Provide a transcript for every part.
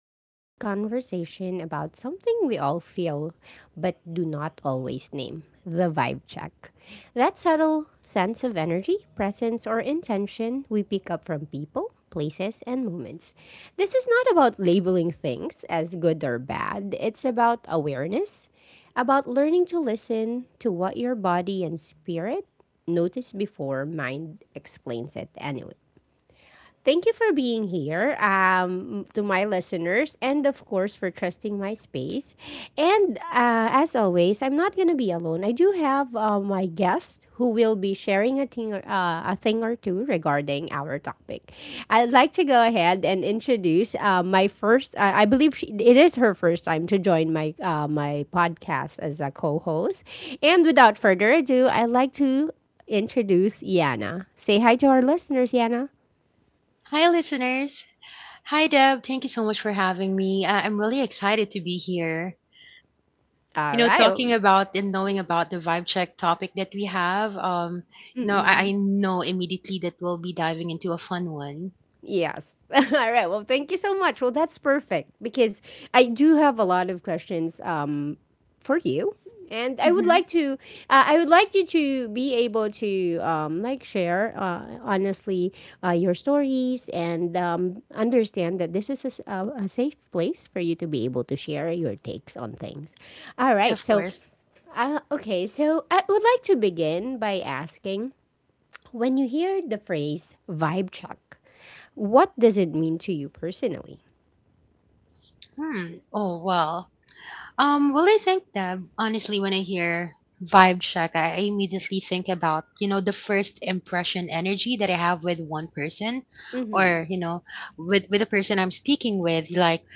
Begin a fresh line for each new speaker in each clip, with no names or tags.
is a quiet conversation about something we all feel but do not always name, the vibe check. That subtle sense of energy, presence, or intention we pick up from people, places, and moments. This is not about labeling things as good or bad, it's about awareness, about learning to listen to what your body and spirit notice before mind explains it anyway. Thank you for being here, to my listeners and, of course, for trusting my space. And as always, I'm not going to be alone. I do have, my guest who will be sharing a thing, a thing or two regarding our topic. I'd like to go ahead and introduce, my first, I believe it is her first time to join my podcast as a co host. And without further ado, I'd like to introduce Yana. Say hi to our listeners, Yana.
Hi, listeners. Hi, Deb. Thank you so much for having me. I'm really excited to be here.
All right.
Talking
Well,
about and knowing about the vibe check topic that we have. I know immediately that we'll be diving into a fun one.
yes. All right. Well, thank you so much. Well, that's perfect because I do have a lot of questions, for you, and I would
Hmm.
like to, I would like you to be able to, like, share, honestly, your stories, and understand that this is a safe place for you to be able to share your takes on things. All right.
Of
So,
course.
okay. So I would like to begin by asking, when you hear the phrase vibe check, what does it mean to you personally?
Hmm. Oh well. Well, I think Deb. Honestly, when I hear vibe check, I immediately think about the first impression energy that I have with one person,
Mm-hmm.
or with the person I'm speaking with, like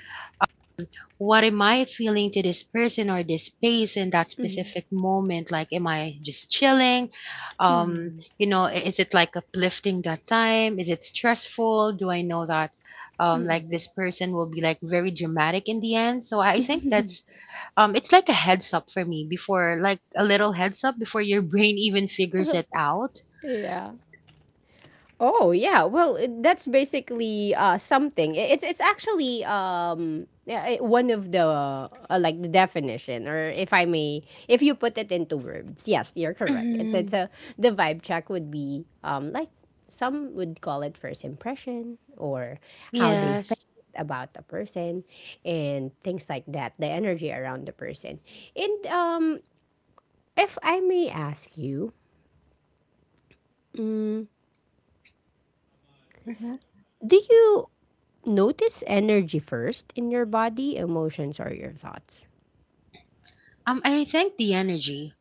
what am I feeling to this person or this space in that specific moment? Like, am I just chilling? Um,
Mm-hmm.
is it like uplifting that time? Is it stressful? Do I know that? Like this person will be like very dramatic in the end, so I think that's it's like a heads up for me, before like a little heads up before your brain even figures it out.
Yeah. Oh, yeah, well, that's basically, something. It's actually, yeah, one of the, like, the definition, or, if I may, if you put it into words, yes, you're correct. It's
Hmm.
a the vibe check would be, like, some would call it first impression, or how they felt
Yes.
about the person and things like that, the energy around the person. And, if I may ask you,
Hmm.
do you notice energy first in your body, emotions, or your thoughts?
I think the energy,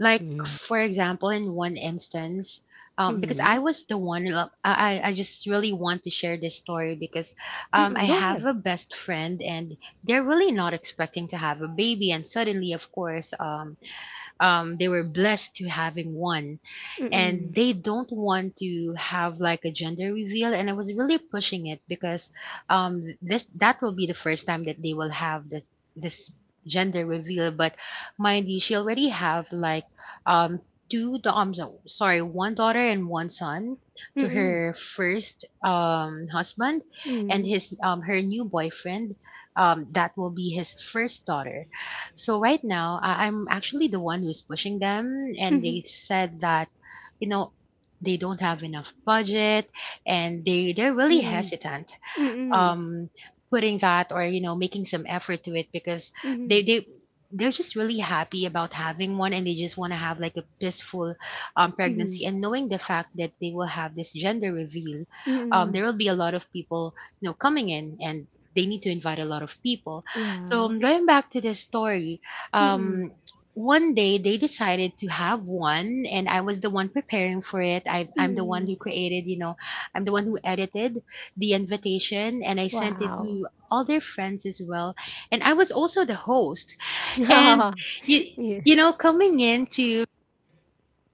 like
Mm,
for example in one instance, because I
mm,
was the one I just really want to share this story. Because I
mm, go
have
ahead.
a best friend and they're really not expecting to have a baby, and suddenly of course, they were blessed to having one.
Mm,
And they don't want to have like a gender reveal, and I was really pushing it because this, that will be the first time that they will have this gender reveal. But mind you, she already have like um sorry, one daughter and one son
mm,
to
mm,
her first husband, and
mm,
his, her new boyfriend, that will be his first daughter. So right now I'm actually the one who's pushing them, and
mm,
they said that you know they don't have enough budget, and they're really hesitant
mm,
um putting that or, you know, making some effort to it. Because
mm,
they they they're just really happy about having one, and they just want to have like a peaceful,
mm,
pregnancy. And knowing the fact that they will have this gender reveal,
mm,
there will be a lot of people, you know, coming in, and they need to invite a lot of people. So
yeah.
going back to this story,
Mm,
um, one day they decided to have one, and I was the one preparing for it. I'm the one
mm,
who created, you know, I'm the one who edited the invitation, and I sent it
wow.
to all their friends as well. And I was also the host. And
yeah.
you you know, coming into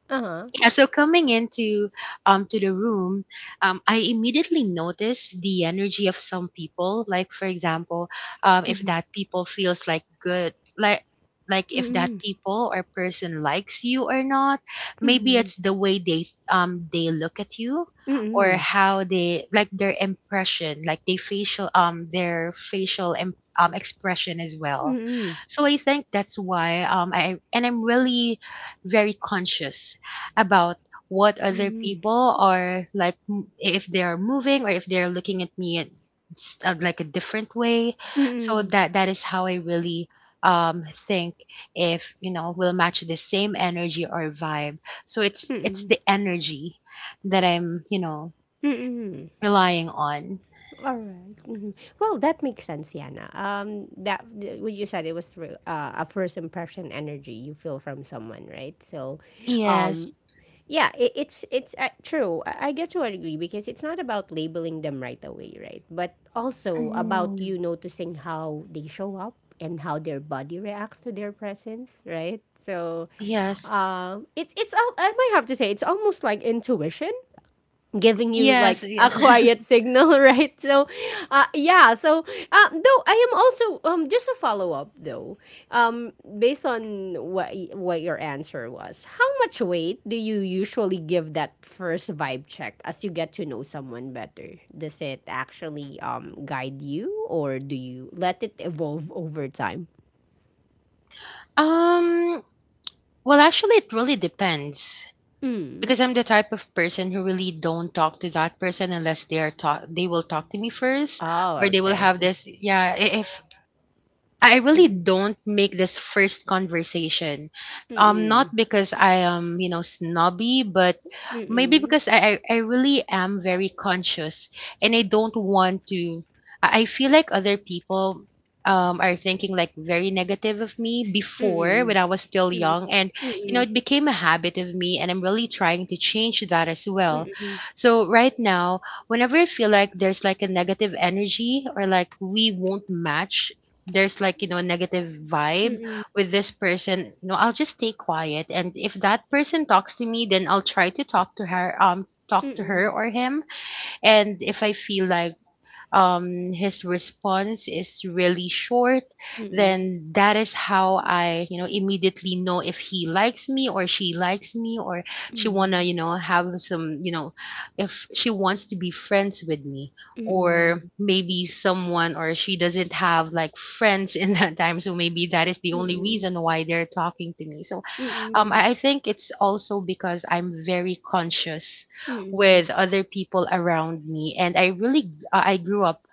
Uh-huh.
yeah, so coming into to the room, I immediately noticed the energy of some people. Like for example, if that people feels like good, like if that
mm,
people or person likes you or not, maybe
mm,
it's the way they look at you,
mm,
or
mm,
how they like their impression, like they facial their facial expression as well.
mm,
So I think that's why, I'm really very conscious about what other
mm,
people are like, if they are moving or if they're looking at me in like a different way. So
mm,
that is how I really think, if, you know, we'll match the same energy or vibe. So it's the energy that I'm, you know, relying on.
Mhm. Well, that makes sense, Yana. That, what you said, it was, a first impression energy you feel from someone, right? So,
Yes.
um, yeah, it's true. I get to agree because it's not about labeling them right away, right? But also about
Mhm.
you noticing how they show up and how their body reacts to their presence, right? So,
Yes,
I might have to say it's almost like intuition giving you,
yes,
like, a
yeah.
quiet signal, right? So, yeah. So, though I am also, just a follow-up though, um based on what your answer was, how much weight do you usually give that first vibe check as you get to know someone better? Does it actually guide you, or do you let it evolve over time?
um well, actually it really depends.
Mm.
Because I'm the type of person who really don't talk to that person unless they will talk to me first.
Oh,
Or they will
okay.
have if, I really
Mm-mm.
don't make this first conversation. Not
Mm-mm.
because I am, you know, snobby, but maybe
Mm-mm.
because I really am very conscious, and I don't want to. I feel like other people, are thinking like very negative of me before when
Mm-mm.
I was still
Mm-mm.
young. And, you know, it became a habit of me, and I'm really trying to change that as well.
Mm-mm.
So right now, whenever I feel like there's like a negative energy, or like we won't match, there's like, you know, negative vibe
Mm-mm.
with this person, you know, I'll just stay quiet. And if that person talks to me, then I'll try to talk to her, talk to her
Mm,
or him. And if I feel like, his response is really short,
mm,
then that is how I, you know, immediately know if he likes me or she likes me, or she wanna,
mm,
you know, have some, you know, if she wants to be friends with me. Or
mm,
maybe someone, or she doesn't have like friends in that time, so maybe that is the only
mm,
reason why they're talking to me. So
mm, mm,
I think it's also because I'm very conscious
mm,
with other people around me. And I really, I grew up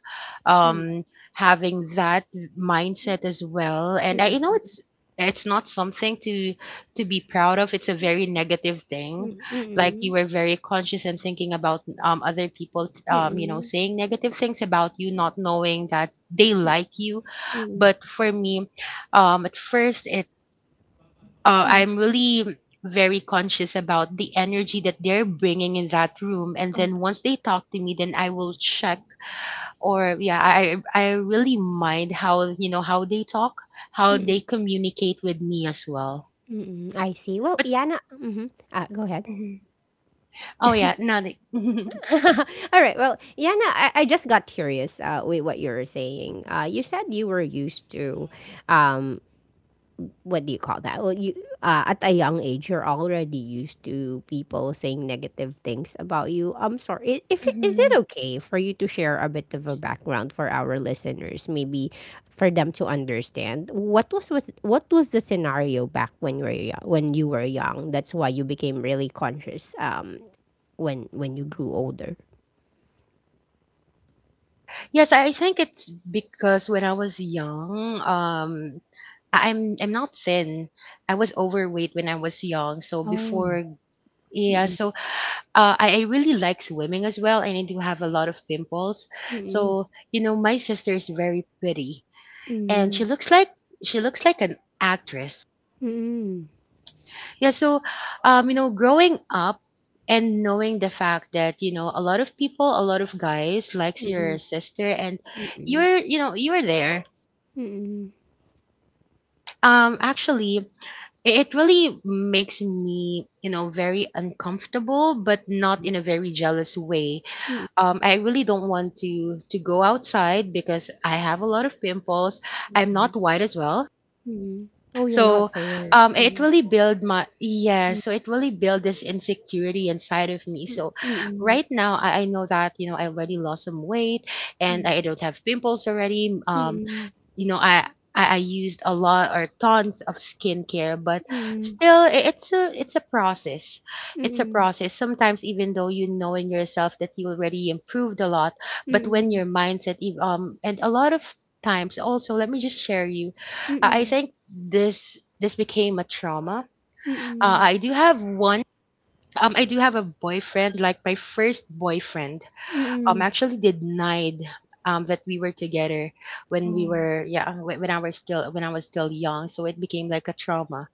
mm,
um having that mindset as well. And I, you know,
mm,
it's not something to be proud of, it's a very negative thing. Like
mm,
you were very conscious, and thinking about other people, you know,
mm,
saying negative things about you, not knowing that they like you.
mm,
But for me, at first,
mm.
I'm really very conscious about the energy that they're bringing in that room. And then
Okay.
once they talk to me, then I will check, or yeah, I really mind how, you know, how they talk, how they
Mm,
communicate with me as well.
mm. I see. Well,
But
Yana, mhm. Go ahead.
mhm. Oh yeah, no. They,
All right. Well, Yana, I just got curious, with what you were saying. You said you were used to, um, what do you call that? Well, you, at a young age, you're already used to people saying negative things about you. I'm sorry. I- If Is it
Mhm.
okay for you to share a bit of a background for our listeners, maybe for them to understand what was the scenario back when you were young, when you were young? That's why you became really conscious, when you grew older.
Yes, I think it's because when I was young, I'm not thin. I was overweight when I was young. So
Oh.
before, yeah.
Mm-mm.
So, I really like swimming as well, and I do have a lot of pimples.
Mm-mm.
So, you know, my sister is very pretty, and she looks like an actress.
Mm-mm.
Yeah. So, you know, growing up, and knowing the fact that, you know, a lot of people, a lot of guys likes your
Mm-mm.
sister, and
Mm-mm.
you know, you're there.
Mm-mm.
Actually, it really makes me, you know, very uncomfortable, but not in a very jealous way. I really don't want to go outside because I have a lot of pimples. I'm
Mm-mm.
not white as well,
Mm. Oh, you're not
so,
fair.
it
Mm.
really build my, yeah.
Mm.
So it really build this insecurity inside of me. So
Mm,
right now, I know that, you know, I already lost some weight, and I don't have pimples already.
mm,
You know i I used a lot or tons of skincare, but
mm,
still, it's a process. It's a
mm,
process. Sometimes, even though you know in yourself that you already improved a lot,
mm,
but when
mm,
your mindset, and a lot of times also, let me just share you. I
mm,
think this became a trauma.
mm, mm,
I do have one. I do have a boyfriend, like my first boyfriend
mm,
actually denied that we were together, when we were yeah when I was still young, so it became like a trauma.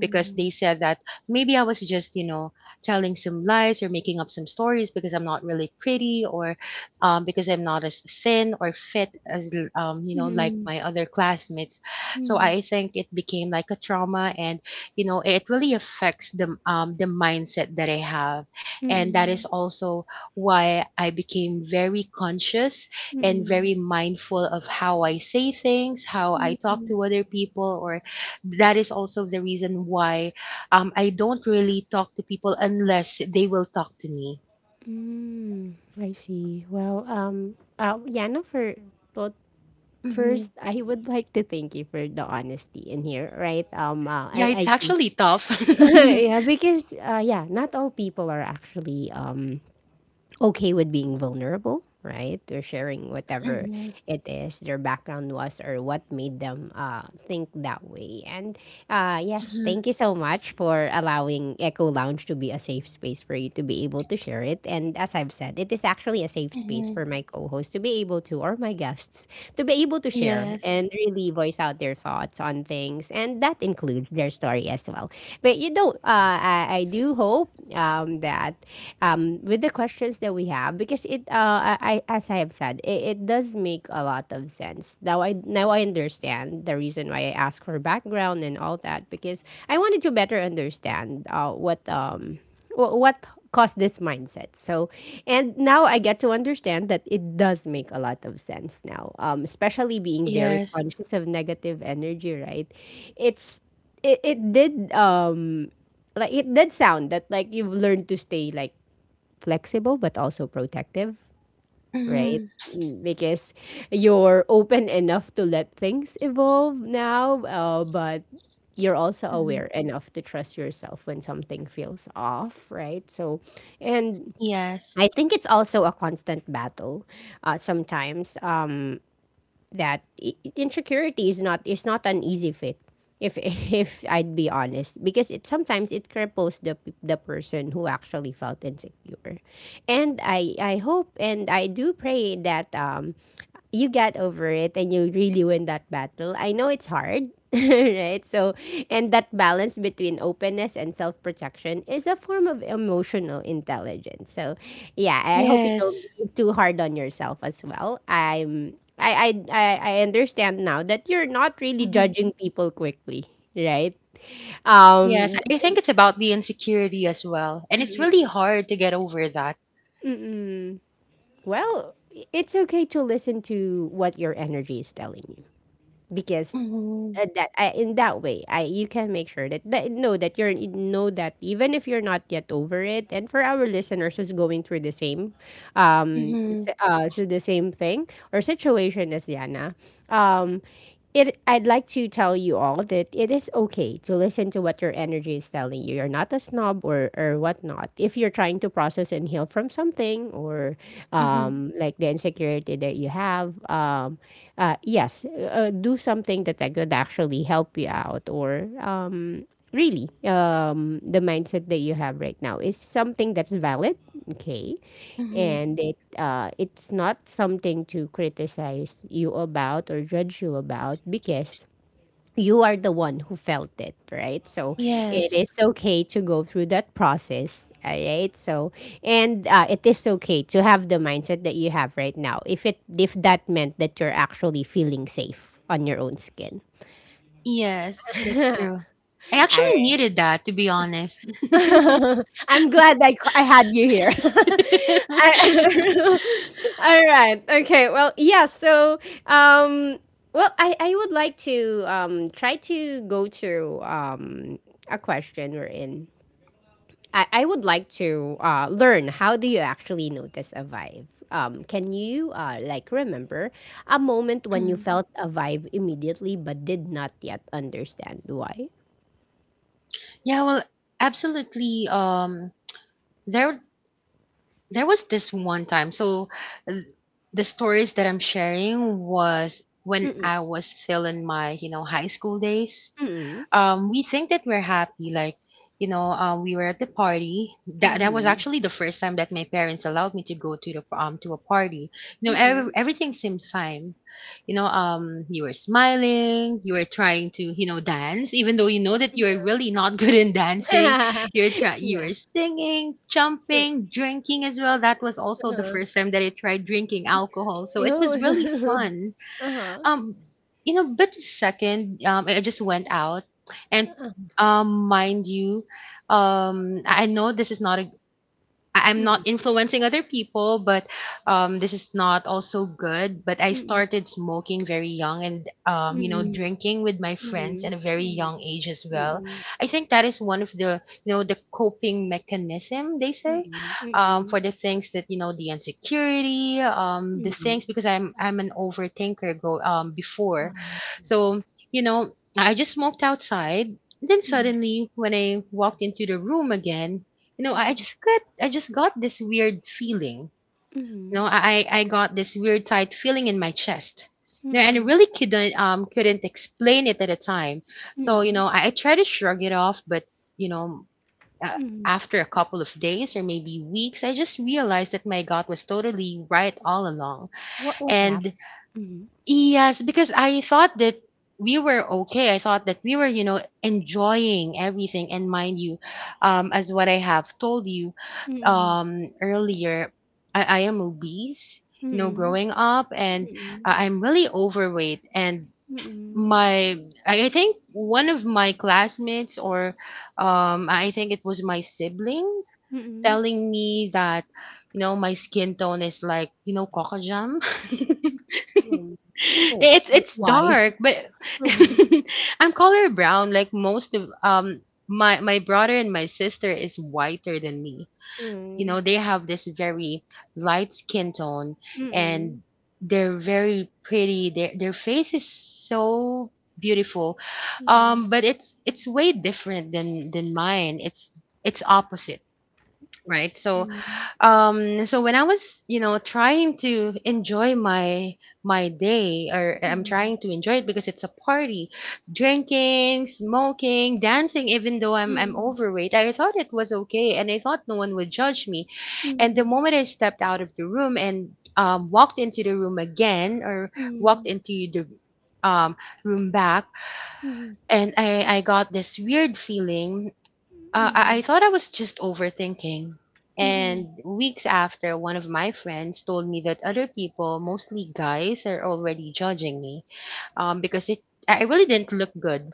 Because they said that maybe I was just, you know, telling some lies or making up some stories, because I'm not really pretty, or because I'm not as thin or fit as, you know, like
mm,
my other classmates. So
mm,
I think it became like a trauma, and, you know, it really affects the mindset that I have. And that is
mm,
also why I became very conscious, and
mm,
very mindful of how I say things, how I talk
mm.
to other people. Or that is also the reason why, I don't really talk to people unless they will talk to me.
Mm, I see. Well, Yana, for, well,
Hmm.
first, I would like to thank you for the honesty in here, right? Um, uh,
Yeah,
I I
it's
see.
actually tough. Hmm.
Yeah, because, yeah, not all people are actually okay with being vulnerable, right? They're sharing whatever it is their background was, or what made them, think that way. And, yes,
Hmm.
thank you so much for allowing Echo Lounge to be a safe space for you to be able to share it. And as I've said, it is actually a safe space
Hmm.
for my co host to be able to, or my guests, to be able to share
Yes,
and really voice out their thoughts on things. And that includes their story as well. But, you know, I do hope, that, with the questions that we have, because it as I have said, it does make a lot of sense. Now I understand the reason why I asked for background and all that, because I wanted to better understand, what, what caused this mindset. So, and now I get to understand that it does make a lot of sense now, especially being very
yes.
conscious of negative energy, right? It's it, it did, like, it did sound, that like, you've learned to stay, like, flexible but also protective, right?
Hmm.
Mm. Because you're open enough to let things evolve now, but you're also
Hmm.
aware enough to trust yourself when something feels off, right? So, and
Yes,
I think it's also a constant battle, sometimes, that insecurity is not an easy fit. If If I'd be honest, because, it sometimes, it cripples the person who actually felt insecure, and I hope, and I do pray that, you get over it and you really win that battle. I know it's hard, right? So, and that balance between openness and self protection is a form of emotional intelligence. So, yeah, I hope you don't
yes.
be too hard on yourself as well. I'm I understand now that you're not really
Hmm.
judging people quickly, right?
Yes,
Um
I think it's about the insecurity as well. And it's really hard to get over that.
mm-mm. Well, it's okay to listen to what your energy is telling you, because,
Hmm.
that, in that way, I you can make sure that, know that you're, you know, that even if you're not yet over it, and for our listeners who's going through the same,
Hmm.
the same thing or situation as Yana, um it I'd like to tell you all that it is okay to listen to what your energy is telling you. You're not a snob, or whatnot. If you're trying to process and heal from something, or
Hmm.
like the insecurity that you have, yes, do something that, could actually help you out, or really, the mindset that you have right now is something that's valid, okay?
Hmm.
And it's not something to criticize you about or judge you about, because you are the one who felt it, right? So it
Yes,
is okay to go through that process, all right? So, and, it is okay to have the mindset that you have right now, if that meant that you're actually feeling safe on your own skin.
yes, that's true. I
All
actually
right.
needed that, to be honest.
I'm glad I had you here. I- All right. Okay. Well, yeah. So, um, well, I would like to, try to go through, a question we're in I would like to, learn, how do you actually notice a vibe? Can you, like, remember a moment when you
Mhm.
felt a vibe immediately but did not yet understand why?
Yeah, well, absolutely. There there was this one time. So, th- the stories that I'm sharing was when
Mm-mm.
I was still in my, you know, high school days.
Mm-mm.
We think that we're happy, like, you know, we were at the party. That was
Mm-mm.
actually the first time that my parents allowed me to go to the, to a party. You know,
Mm-mm.
everything seemed fine. You were smiling, you were trying to dance even though you know that you're really not good in dancing.
Yeah.
You're try you
Yeah.
were singing, jumping, drinking as well. That was also the
Uh-huh.
first time that I tried drinking alcohol, so it
Yo.
was really fun.
Uh-huh.
um but the second, I just went out. And
Uh-huh.
mind you, I know this is not a I'm not
Mm-mm.
influencing other people, but this is not also good. But I started smoking very young and,
Mm-mm.
drinking with my friends
Mm-mm.
at a very young age as well.
Mm-mm.
I think that is one of the, the coping mechanism, they
Mm-mm.
say,
Mm-mm. Mm-mm. Mm-mm.
for the things that, the insecurity, the
Mm-mm.
things, because I'm an overthinker go, before.
Ah.
So, I just smoked outside. Then
Mm-mm.
suddenly, when I walked into the room again, I just got I just got this weird feeling.
Mm-mm.
I got this weird tight feeling in my chest. And I
Mm-mm.
really couldn't explain it at the time. So I tried to shrug it off, but you know, uh,
Mm-mm.
after a couple of days or maybe weeks, I just realized that my gut was totally right all along.
What was that?
And
Hmm.
yes, because I thought that we were okay. I thought that we were, enjoying everything. And mind you, as what I have told you
Hmm.
earlier, I am obese,
Hmm.
growing up, and
Hmm.
I'm really overweight. And
Hmm.
my, I think one of my classmates, or I think it was my sibling,
Hmm.
telling me that, my skin tone is like, Coco Jam.
Hmm. Oh.
It's it's
Why?
dark, but I'm color brown. Like most of my brother and my sister is whiter than me. You know,
Hmm.
they have this very light skin tone,
Hmm.
and they're very pretty. Their face is so beautiful.
Hmm.
But it's way different than mine. It's It's opposite, right? So
Hmm.
so when I was, trying to enjoy my day, or I'm trying to enjoy it because it's a party, drinking, smoking, dancing, even though I'm
Hmm.
overweight, I thought it was okay and I thought no one would judge me.
Hmm.
And the
Hmm.
moment I stepped out of the room and, walked into the room again, or walked
Hmm.
into the um, room back,
Hmm.
and I got this weird feeling. I
Hmm.
thought I was just overthinking.
Hmm. Hmm. Hmm.
And weeks after, one of my friends told me that other people, mostly guys, are already judging me, because it I really didn't look good,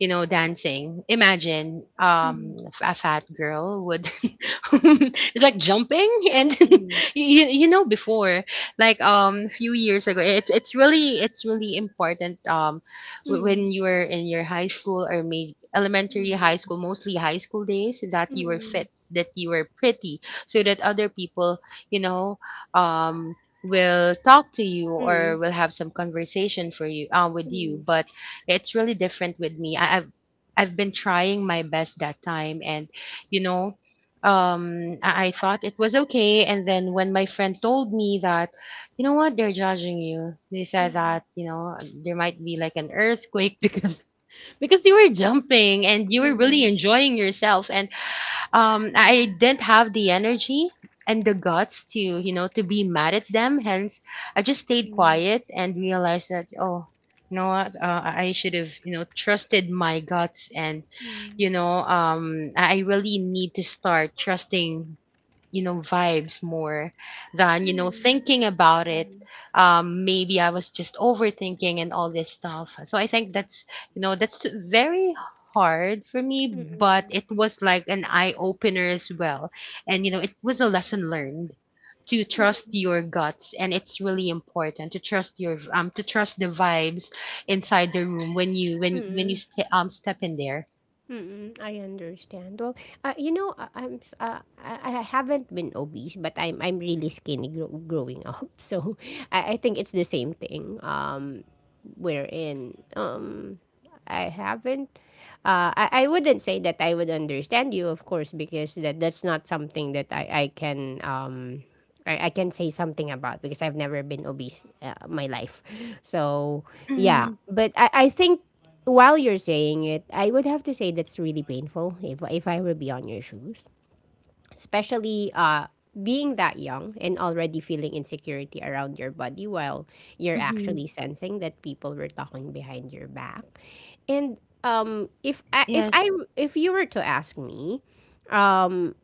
you know, dancing. Imagine a fat girl would it's like jumping and
Hmm.
you know, before, like, few years ago, it's really important,
Hmm. Hmm. Hmm.
when you were in your high school or maybe elementary, high
Hmm.
school, mostly high school days, that you were
Hmm.
fit, that you were pretty, so that other people, you know, um, will talk to you
Hmm. Hmm.
or will have some conversation for you with you. But it's really different with me. I've been trying my best that time, and you know, I thought it was okay. And then when my friend told me that, you know what? They're judging you. They said that, you know, there might be like an earthquake because you were jumping and you were really enjoying yourself, and I didn't have the energy and the guts to, you know, to be mad at them. Hence, I just stayed quiet and realized that, oh, you know what? I should have, you know, trusted my guts, and I really need to start trusting, you know, vibes more than, you know, thinking about
Hmm.
it.
Hmm.
Maybe I was just overthinking and all this stuff, so I think that's, you know, that's very hard for me, but
Hmm.
it was like an eye opener as well. And you know, it was a lesson learned, to trust
Hmm.
your guts, and it's really important to trust your to trust the vibes inside the room when you when you
Hmm.
step in there.
Mm-mm, I understand. Well, you know, I haven't been obese, but I'm really skinny, growing up. So I think it's the same thing. Wherein, I haven't. I wouldn't say that I would understand you, of course, because that's not something that I can, I can say something about, because I've never been obese, my life. So, yeah.
Mm-hmm.
But I think while you're saying it, I would have to say that's really painful if I were be on your shoes, especially being that young and already feeling insecurity around your body while you're
Mm-hmm.
actually sensing that people were talking behind your back. And um if I, if i
Yes.
if you were to ask me, um,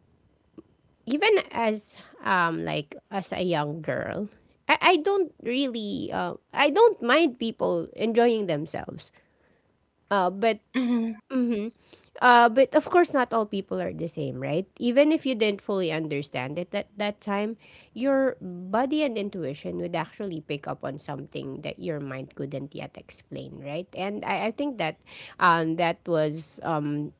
even as like as a young girl, I don't really I don't mind people enjoying themselves, uh, but
Hmm.
but of course, not all people are the same, right? Even if you didn't fully understand it at that time, your body and intuition would actually pick up on something that your mind couldn't yet explain, right? And I think that um, that was um,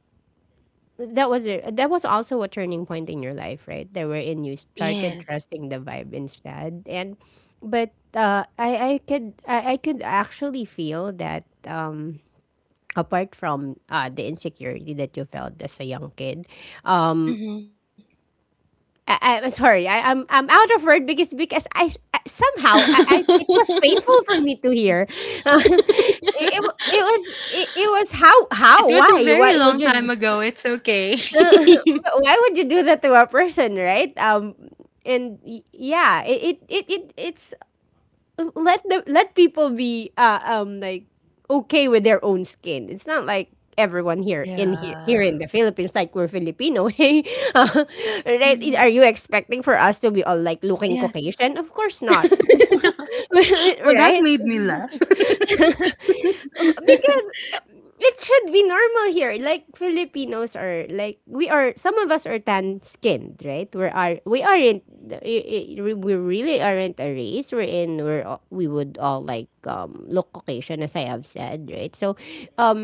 that was also a turning point in your life, right? There wherein you started
Yes.
trusting the vibe instead, and but I could actually feel that. Apart from the insecurity that you felt as a young kid. um I'm sorry. I'm out of word because somehow I, I it was painful for me to hear. It was
It
how
was a very
why
long
would
time
you
ago, it's okay.
why would you do that to a person, right? Yeah, it's, let people be like okay with their own skin. It's not like everyone here
Yeah.
in the Philippines, like we're Filipino. Hey, uh, right? Are
Mm,
you expecting for us to be all like looking
yes.
Caucasian? Of course not,
Well, that
right?
made me laugh.
Because uh, it should be normal here. Like Filipinos are like we are. Some of us are tan skinned, right? We aren't. We really aren't a race. We're in. We would all like look Caucasian, as I have said, right? So, uh,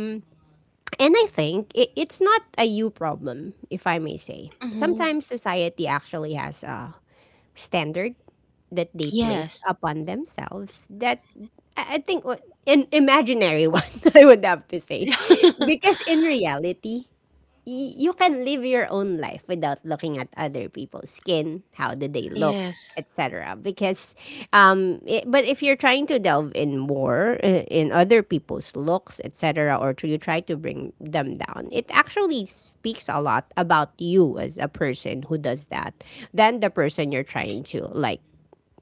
and I think it's not a you problem, if I may say.
Mhm.
Sometimes society actually has a standard that they placed
Yes.
upon themselves that I I think wa- an imaginary one, I would have to say, because in reality you can live your own life without looking at other people's skin, how do they look,
Yes.
etc. Because, but if you're trying to delve in more in other people's looks, etc., or to, you try to bring them down, it actually speaks a lot about you as a person who does that than the person you're trying to like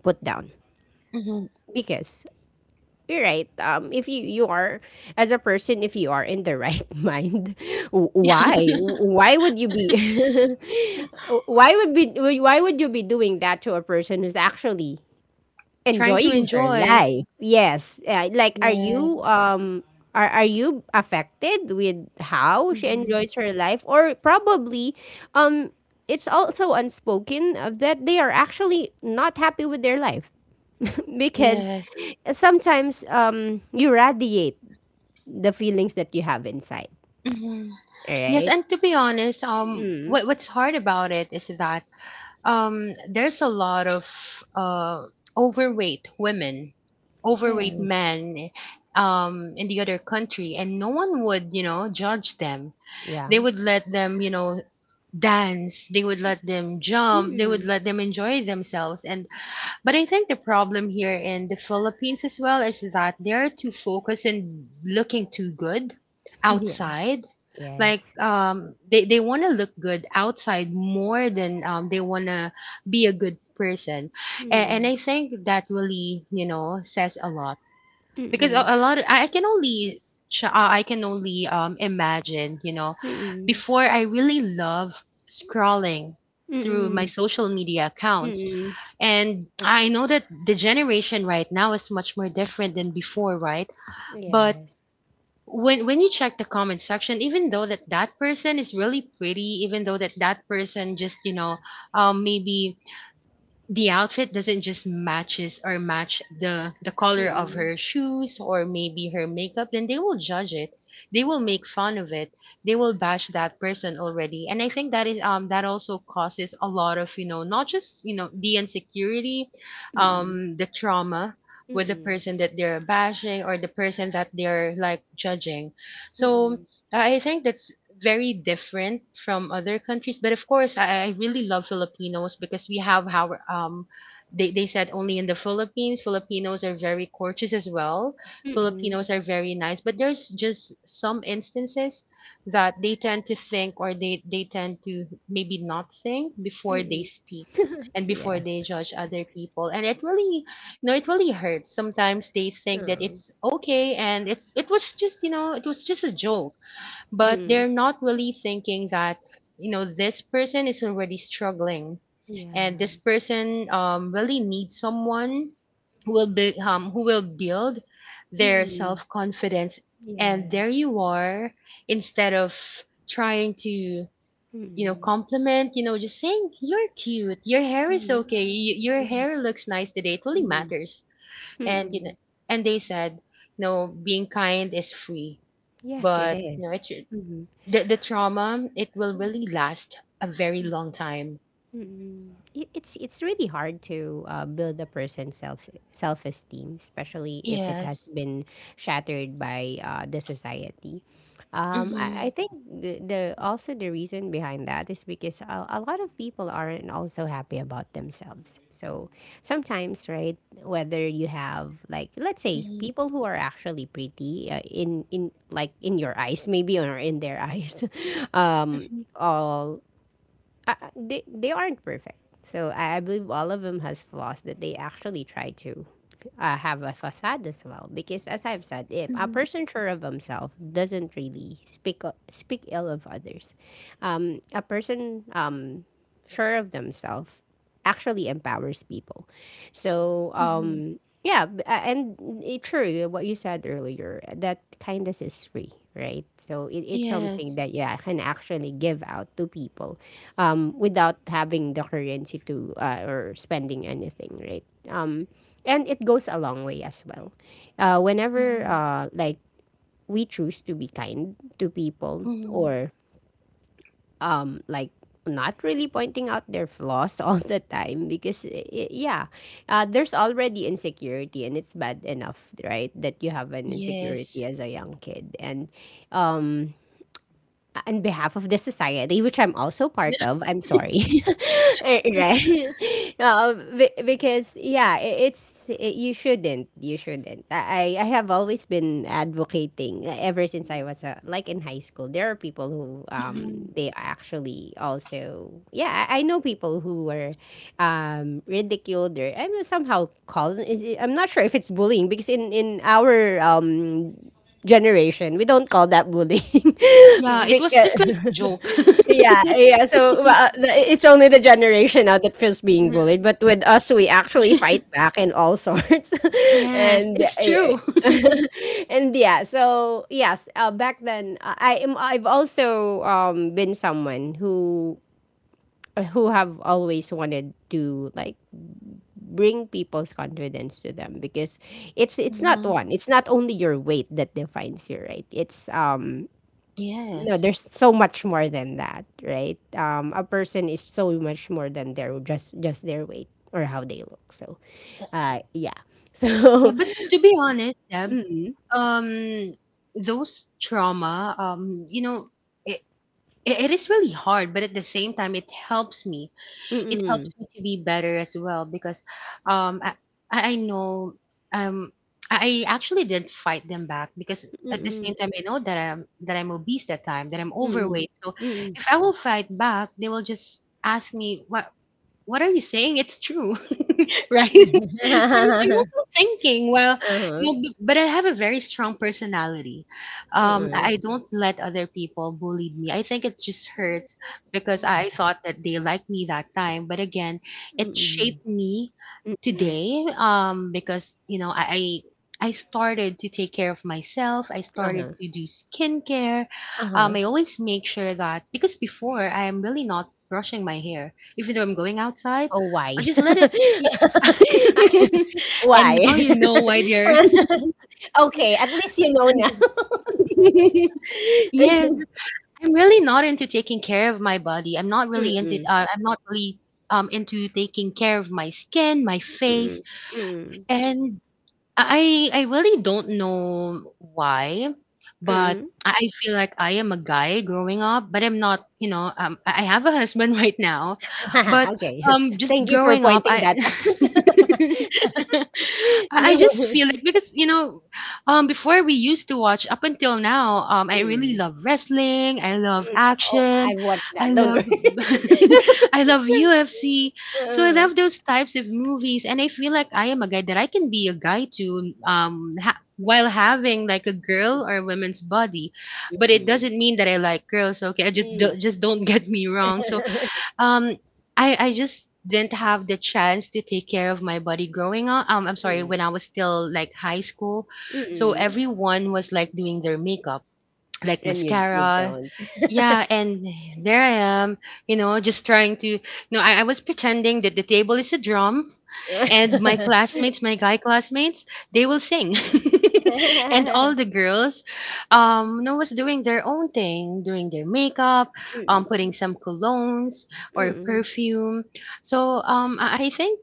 put down.
Mhm.
Because you're right. If you you are as a person, if you are in the right mind, why would you be why would be why would you be doing that to a person who's actually
Trying to
enjoying her
enjoy.
life? Yes, like are
Yes.
you are you affected with how she
Mhm.
enjoys her life, or probably um it's also unspoken that they are actually not happy with their life because
Yes.
sometimes you radiate the feelings that you have inside.
Mhm.
All
Yes,
right.
and to be honest,
Mm.
what what's hard about it is that there's a lot of uh overweight women, overweight
Yeah,
men, in the other country, and no one would, you know, judge them.
yeah.
They would let them, you know, dance, they would let them jump, they would
Mm.
let them enjoy themselves, and but I think the problem here in the Philippines as well is that they're too focused in looking too good
Yeah.
outside. Like
Yes.
they wanna look good outside more than they wanna be a good person. And I
Mm.
think that really, you know, says a lot. Because
Mm-mm.
a lot of, I can only I can only imagine, you know,
Mm-mm.
before I really love scrolling through my
Mm.
social media accounts,
Mm.
and I know that the generation right now is much more different than before, right? But
Yes.
when you check the comment section, even though that person is really pretty, even though that person just, you know, maybe the outfit doesn't just matches or match the color of
Mm-mm.
her shoes or maybe her makeup, then they will judge it, they will make fun of it, they will bash that person already. And I think that is that also causes a lot of, you know, not just, you know, the insecurity, the trauma, with the
Mm-mm.
person that they're bashing or the person that they're like judging. So
Mm-mm.
I think that's very different from other countries, but of course, I really love Filipinos because we have how they said only in the Philippines, Filipinos are very courteous as well. Filipinos are very nice, but there's just some instances that they tend to think, or they tend to maybe not think before they speak and before
Yeah.
they judge other people. And it really, you know, it really hurts. Sometimes they think that
Oh.
it's okay and it was just, you know, it was just a joke, but
Mm-mm.
they're not really thinking that, you know, this person is already struggling, and
Yeah.
this person, really needs someone who will be, who will build their
Mm-mm.
self confidence, and there you are, instead of trying to, compliment, you know, just saying you're cute, your hair is okay, your hair
Yeah.
looks nice today. It really
Mm. Yeah, mm, mm,
matters.
yeah, mm,
And you know,
mm, mm.
and they said, no, being kind is free,
Yes, it
but you know, it
is.
should, the trauma, it will really last a very long time.
Mm. It's really hard to build a person's self esteem, especially if it
Yes.
has been shattered by the society. I
Mhm.
think the also the reason behind that is because a lot of people aren't also happy about themselves. So sometimes, right, whether you have like, let's say,
Mhm.
people who are actually pretty in like in your eyes maybe or in their eyes,
Mhm.
all they aren't perfect. So I believe all of them has flaws that they actually try to have a facade as well. Because as I've said, if a
Mhm.
person sure of himself doesn't really speak ill of others, a person sure of themselves actually empowers people. So
Mhm.
yeah, and it, true, eh, what you said earlier, eh, that kindness is free, right? So it's something
Yes.
that yeah I can actually give out to people, without having the currency to or spending anything, right? Um, and it goes a long way as well. Whenever
Mhm.
like we choose to be kind to people,
Mhm.
or like not really pointing out their flaws all the time because yeah, there's already insecurity and it's bad enough, right, that you have an
Yes.
insecurity as a young kid. And um on behalf of the society, which I'm also part of, I'm sorry. Eh, right? Because yeah, I- it's I you shouldn't, I have always been advocating ever since I was like in high school. There are people who
Mhm.
they actually also yeah, I know people who were ridiculed, or I mean, somehow called. I'm not sure if it's bullying because in our generation, we don't call that bullying.
Yeah, it was
Because,
just like joke.
yeah. So well, it's only the generation now that feels being
Yeah.
bullied. But with us, we actually fight back in all sorts.
Yes,
and
it's true.
and yeah, so yes, back then I am. I've also been someone who have always wanted to like bring people's confidence to them, because it's not
Mhm.
one it's not only your weight that defines you, right? it's No,
Yes.
there's so much more than that, right? A person is so much more than their just their weight or how they look. So yeah.
Yeah,
So
but to be honest, Deb, um, those trauma, you know, i it is really hard, but at the same time it helps me, it helps
mm-mm,
me to be better as well, because um i I I know, um I actually did fight them back, because at the same
mm-mm,
time I know that I'm that I'm obese that time, that I'm
mm-mm,
overweight. So
mm-mm.
if I will fight back, they will just ask me what, "What are you saying? It's true." Right? So I I'm
Uh-huh,
also thinking, well, you
uh-uh,
know, b but I have a very strong personality. I don't let other people bully me. I think it just hurts because I thought that they liked me that time. But again, it
mm-mm,
shaped me
mm-mm,
today, because, you know, I started to take care of myself. I
uh-huh,
started to do skincare.
uh-huh.
I always make sure that, because before I am really not brushing my hair even though I'm going outside,
Oh, why?
I just let it. Yeah. And
Why?
now you know why they're.
Okay, at least you know now.
Yes, I'm really not into taking care of my body. I'm not
Mm-mm,
really into.
mm-mm,
I'm not really into taking care of my skin, my face,
mm-mm,
and I really don't know why, but
mm-mm.
I feel like I am a guy growing up, but I'm not, you know, I have a husband right now, but
Okay.
just
Thank you for
growing up,
pointing
I
that out.
I just
No.
feel like, because you know, before we used to watch, up until now, I really
Mm.
love wrestling, I love
Mm. Oh,
action,
I've watched
I
that. Don't
love,
worry.
I love UFC, so I
Uh,
love those types of movies, and I feel like I am a guy that I can be a guy to, while having like a girl or a woman's body, but it
mm-mm.
doesn't mean that I like girls. So, okay, I just
Mm.
just don't get me wrong.
Mm.
Um, I just didn't have the chance to take care of my body growing up. I'm sorry, when
mm,
I was still like high school, so
mm.
everyone was like doing their makeup like
And you
mascara.
don't.
Yeah, and there I am, just trying to. No, I was pretending that the table is a drum, and my classmates, my guy classmates, they will sing. And all the girls, no, was doing their own thing, doing their makeup, putting some colognes or perfume. So I think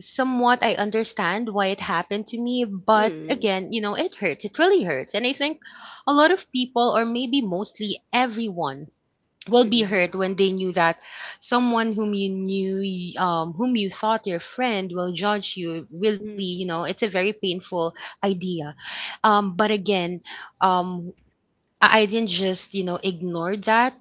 somewhat I understand why it happened to me, but again, you know, it hurts. It really hurts. And I think a lot of people, or maybe mostly everyone, will be hurt when they knew that someone whom you knew, whom you thought your friend will judge you. Really, you know, it's a very painful idea. But again, um, I didn't just, ignore that.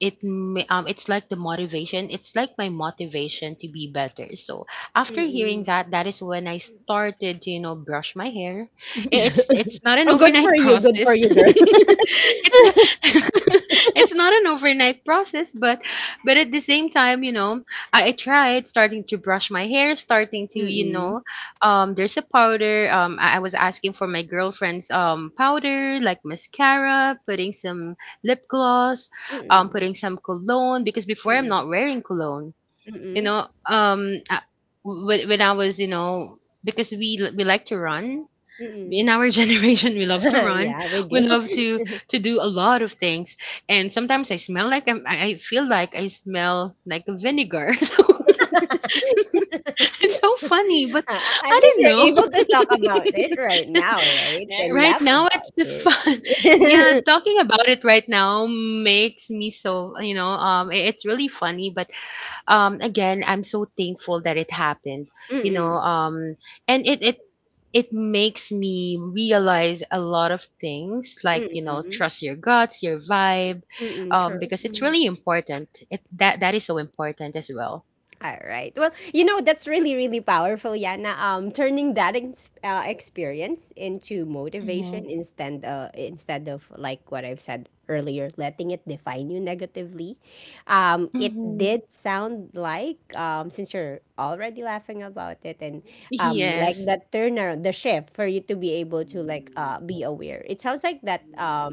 It's like the motivation. It's like my motivation to be better. So after hearing
Mm-mm.
that, that is when I started to, you know, brush my hair. It's not an
Oh, good for
overnight
you. Good for
process.
you, girl.
It's not it's not an overnight process, but at the same time, you know, I tried starting to brush my hair, starting to, you
Mm-mm.
know, there's a powder. I was asking for my girlfriend's powder, like mascara, putting some lip gloss,
Mm-mm.
putting some cologne because before I'm
Mm-mm.
not wearing cologne. You
Mm-mm.
know, when I was, you know, because we like to run.
Mm-mm.
In our generation, we love to run.
Yeah, we
We
do.
love to do a lot of things, and sometimes I smell like I feel like I smell like vinegar. So it's so funny, but
Uh, at
I
least
don't
you're
know.
able to talk about it right now, right? And
Right
laugh
now, it's
about
the
it.
fun. Yeah, talking about it right now makes me so. It's really funny, but again, I'm so thankful that it happened. You know,
Mm-mm,
and it it makes me realize a lot of things, like you know,
mm-mm,
trust your guts, your vibe,
mm-mm,
because it's
true.
really important, it that that is so important as well.
All right. Well, you know, that's really really powerful, Yana. Turning that ex experience into motivation, instead instead of, like what I've said earlier, letting it define you negatively. It
Mm-hmm.
did sound like, since you're already laughing about it and like
Yes.
that turnaround, the shift for you to be able to like
Mm.
be aware. It sounds like that,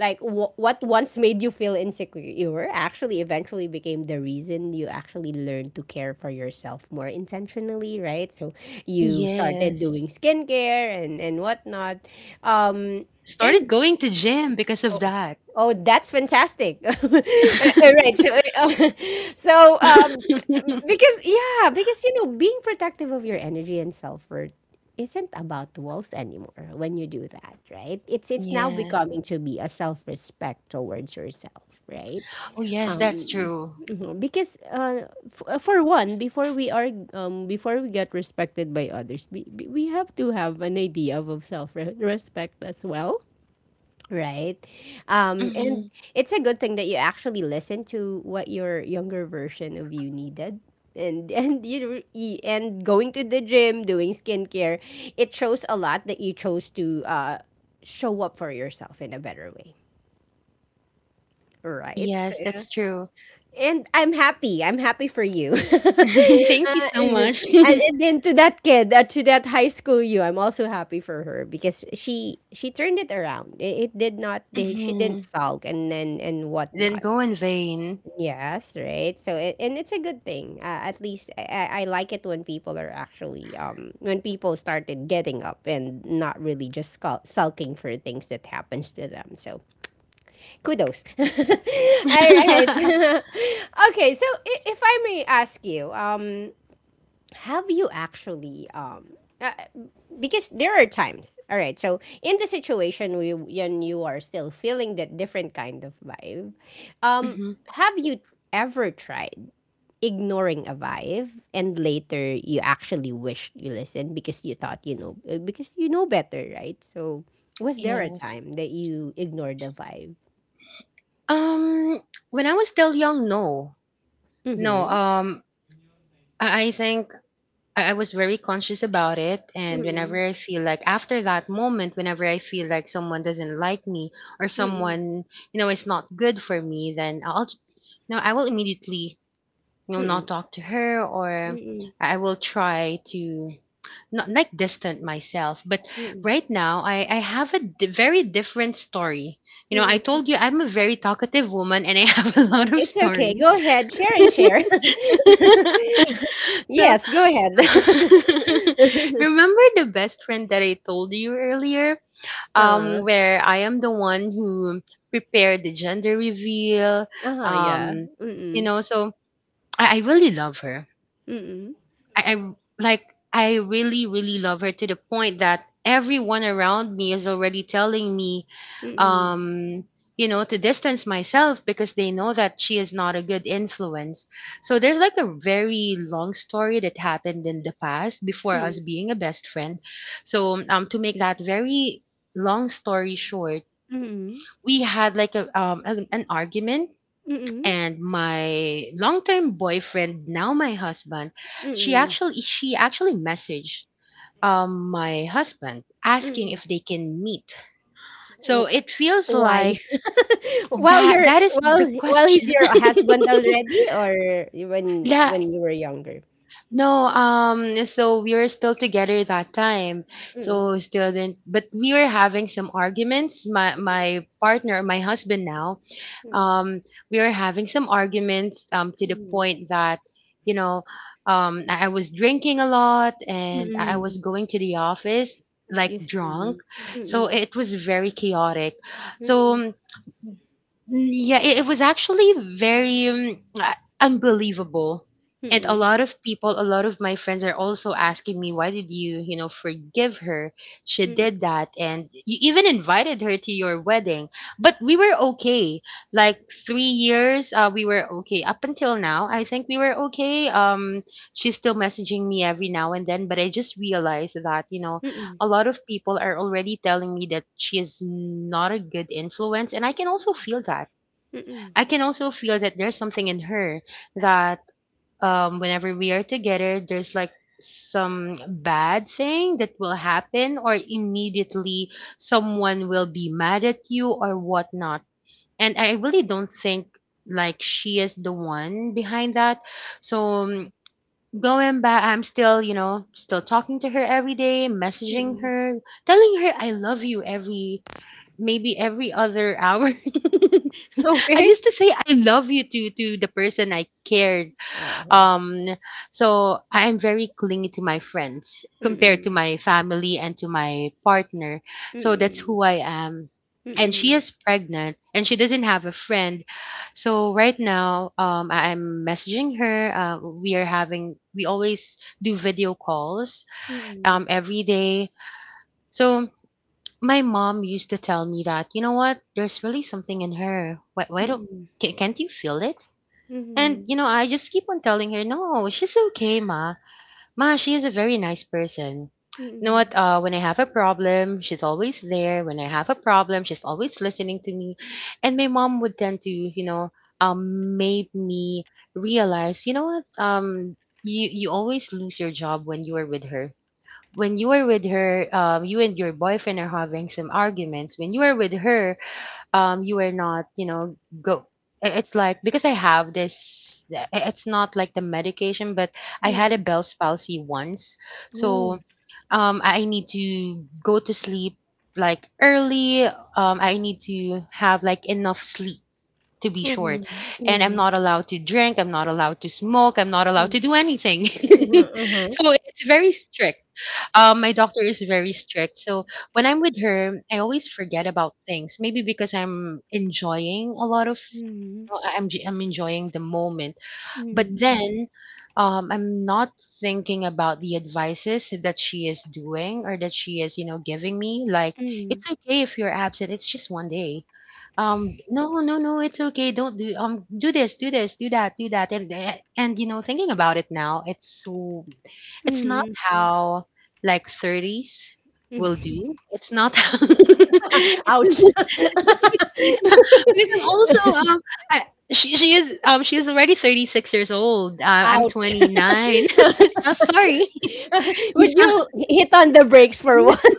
like what once made you feel insecure actually eventually became the reason you actually learned to care for yourself more intentionally, right? So you started
Yes.
doing skincare and whatnot, um
Started
and
going to gym because of
Oh,
that.
oh, that's fantastic. All right. So, so because yeah, because you know, being protective of your energy and self-worth isn't about walls anymore when you do that, right? It's now
Yes.
becoming to be a self-respect towards yourself, right?
Oh, yes, that's
Um,
true.
mhm, because for one, before we are before we get respected by others, we have to have an idea of self-respect as well. Right. And
Hmm.
it's a good thing that you actually listen to what your younger version of you needed. And and and going to the gym, doing skincare, it shows a lot that you chose to show up for yourself in a better way. Right? So,
Yes, that's true.
and I'm happy. I'm happy for you.
Thank you so
And,
much.
and then to that kid, to that high school you, I'm also happy for her because she turned it around. It did not. They- She didn't
Hmm.
sulk and
Didn't
whatnot.
go in vain.
Yes, right. So it, and it's a good thing. At least I like it when people are actually when people started getting up and not really just sulking for things that happens to them. So kudos. All right. Okay, so if I may ask you, have you actually uh, because there are times. All right, so in the situation we when you are still feeling that different kind of vibe, um,
Hmm.
have you ever tried ignoring a vibe, and later you actually wished you listened because you thought, you know, because you know better, right? So was there a
Yes.
time that you ignored the vibe?
Um, when I was still young, no, no.
Mm-hmm.
I think I was very conscious about it. And
Mm-mm,
whenever I feel like after that moment, whenever I feel like someone doesn't like me or
mm-mm,
someone, you know, is not good for me, then I'll, no, I will immediately, you know,
mm-mm,
not talk to her, or
mm-mm,
I will try to not like distant myself. But
mm-mm,
right now, I have a very different story. You know, I
mm-mm.
told you I'm a very talkative woman and I have a lot of
It's okay.
stories.
Go ahead. Share and share.
So
Yes, go ahead.
remember the best friend that I told you earlier?
Uh,
Where I am the one who prepared the gender reveal.
uh-huh, yeah.
Um, you
Mm-mm,
know, so I really love her.
mm-mm,
I, I like I really really love her to the point that everyone around me is already telling me
mm-mm,
um you know to distance myself because they know that she is not a good influence. So there's like a very long story that happened in the past before
mm-mm,
us being a best friend. So to make that very long story short,
mm-mm,
we had like a an argument,
mm-mm,
and my longtime boyfriend, now my husband,
mm-mm,
she actually messaged my husband, asking
mm-mm.
if they can meet. So
W-
it feels
Why?
like
While you're,
that is
well,
the
while he's
question.
your husband already, or
Yeah.
when you were younger?
No, so we were still together that time.
Mm-mm,
So still didn't, but we were having some arguments. My partner, my husband now,
mm-mm,
um, we were having some arguments, to the point that, you know, I was drinking a lot and I was
mm-mm,
going to the office like
mm-mm,
drunk.
you-
So
mm-mm.
it was very chaotic.
Mm,
So mm, yeah, it was actually very unbelievable. And a
mm,
lot of people, a lot of my friends are also asking me, why did you, you know, forgive her? She
mm,
did that. And you even invited her to your wedding. But we were okay. Like 3 years, we were okay. Up until now, I think we were okay. She's still messaging me every now and then. But I just realized that, you know,
mm,
a lot of people are already telling me that she is not a good influence. And I can also feel that
mm,
I can also feel that there's something in her that whenever we are together, there's like some bad thing that will happen, or immediately someone will be mad at you or whatnot. And I really don't think like she is the one behind that. So going back, I'm still, you know, still talking to her every day, messaging
mm,
her, telling her I love you every maybe every other hour. I
okay.
used to say I love you to the person I cared.
Uh-huh.
Um, so I am very clingy to my friends compared to
Mm,
my family and to my partner. So that's
mm,
who I am. And she
mm,
is pregnant and she doesn't have a friend. So right now, I'm messaging her. We are having we always do video calls
mm,
every day. So my mom used to tell me that, you know what, there's really something in her. Why don't,
mm,
can't you feel it? And,
mm,
you know, I just keep on telling her, no, she's okay, ma. Ma, she is a very nice person. You know what,
mm,
when I have a problem, she's always there. When I have a problem, she's always listening to me. And my mom would tend to, you know, make me realize, you know what, you always lose your job when you are with her, when you are with her, you and your boyfriend are having some arguments. When you are with her, you are not, you know, go. It's like because I have this. It's not like the medication, but I had a
mm.
Bell's palsy once,
Oh,
so I need to go to sleep like early. I need to have like enough sleep to be short,
uh-huh.
and I'm
Yeah.
not allowed to drink. I'm not allowed to smoke. I'm not allowed
Mm.
to do anything.
Uh-huh, uh-huh.
So it's very strict, my doctor is very strict. So when I'm with her, I always forget about things. Maybe because I'm enjoying a lot of,
Mm,
you know, I'm enjoying the moment. But
mm,
then I'm not thinking about the advices that she is doing or that she is, you know, giving me. Like,
mm,
it's okay if you're absent, it's just one day. No, no, no, it's okay. Don't do do this, do this, do that, do that. And you know, thinking about it now, it's so it's not
mm.
how like 30s will
Mm.
do. It's not
Ouch.
it's yeah, because I'm also I she she is already 36 years old. I'm
Ouch.
29. I'm sorry. You
Would
sound
you hit on the brakes for once?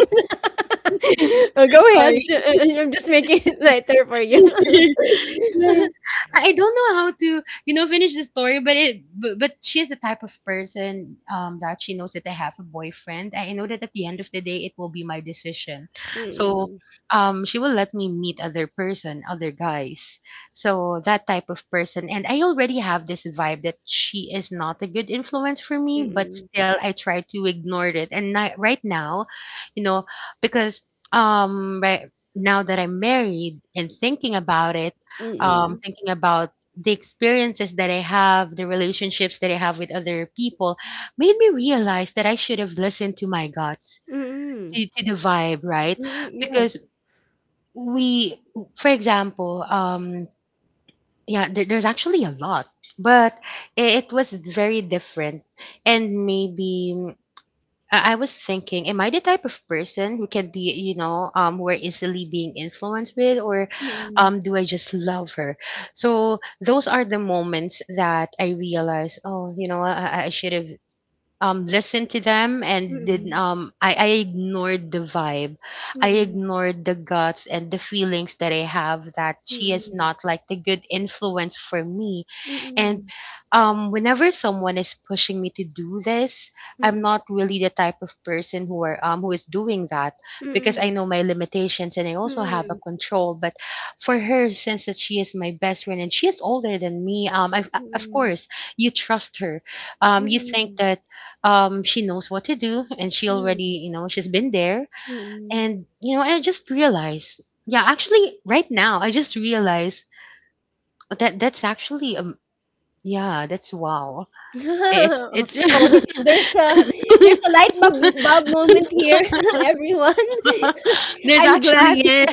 Go
sorry.
ahead. I'm just making it lighter for you.
Yes. I don't know how to, you know, finish the story, but she's the type of person that she knows that I have a boyfriend. I know that at the end of the day it will be my decision. So
Mm-mm.
she will let me meet other person, other guys. So that type of person. And I already have this vibe that she is not a good influence for me, but
Mm-mm.
still I try to ignore it. Right now, you know, because right now that I'm married and thinking about it,
Mm-mm.
thinking about the experiences that I have, the relationships that I have with other people, made me realize that I should have listened to my guts,
Mm-mm.
to the vibe, right?
Mm-mm.
Because
Yes.
we, for example, yeah, there's actually a lot, but it was very different. And maybe I was thinking, am I the type of person who can be, you know, more easily being influenced with, or
Mm-mm.
do I just love her? So those are the moments that I realize, oh, you know, I should have listened to them and I ignored the vibe. I
Mm-mm.
ignored the guts and the feelings that I have that she is
Mm-mm.
not like the good influence for me. And whenever someone is pushing me to do this,
Mm-mm.
I'm
Mm-mm.
not really the type of person who are who is doing that because I know my limitations and I
Mm-mm.
also have a
Mm-mm.
control. But for her, since that she is my best friend and she is older than me, of
Mm-mm.
course you trust her, you think
Mm-mm.
that she knows what to do, and she already,
Mm-mm.
she's been there.
Mm-mm.
And I just realized, yeah, actually right now I just realized that that's actually, yeah, that's wow. It's
Oh, there's a there's a light bulb moment here, everyone.
There's
I'm glad.
actually, yeah.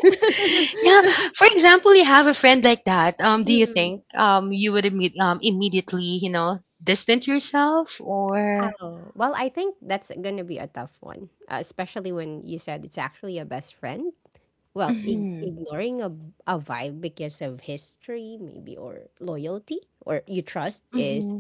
Yeah. For example, you have a friend like that. Do you
Mm-mm.
think you would immediately, distant yourself, or
Oh, well, I think that's going to be a tough one, especially when you said it's actually a best friend. Well,
hmm,
ignoring a vibe because of history, maybe, or loyalty, or you trust
hmm,
is,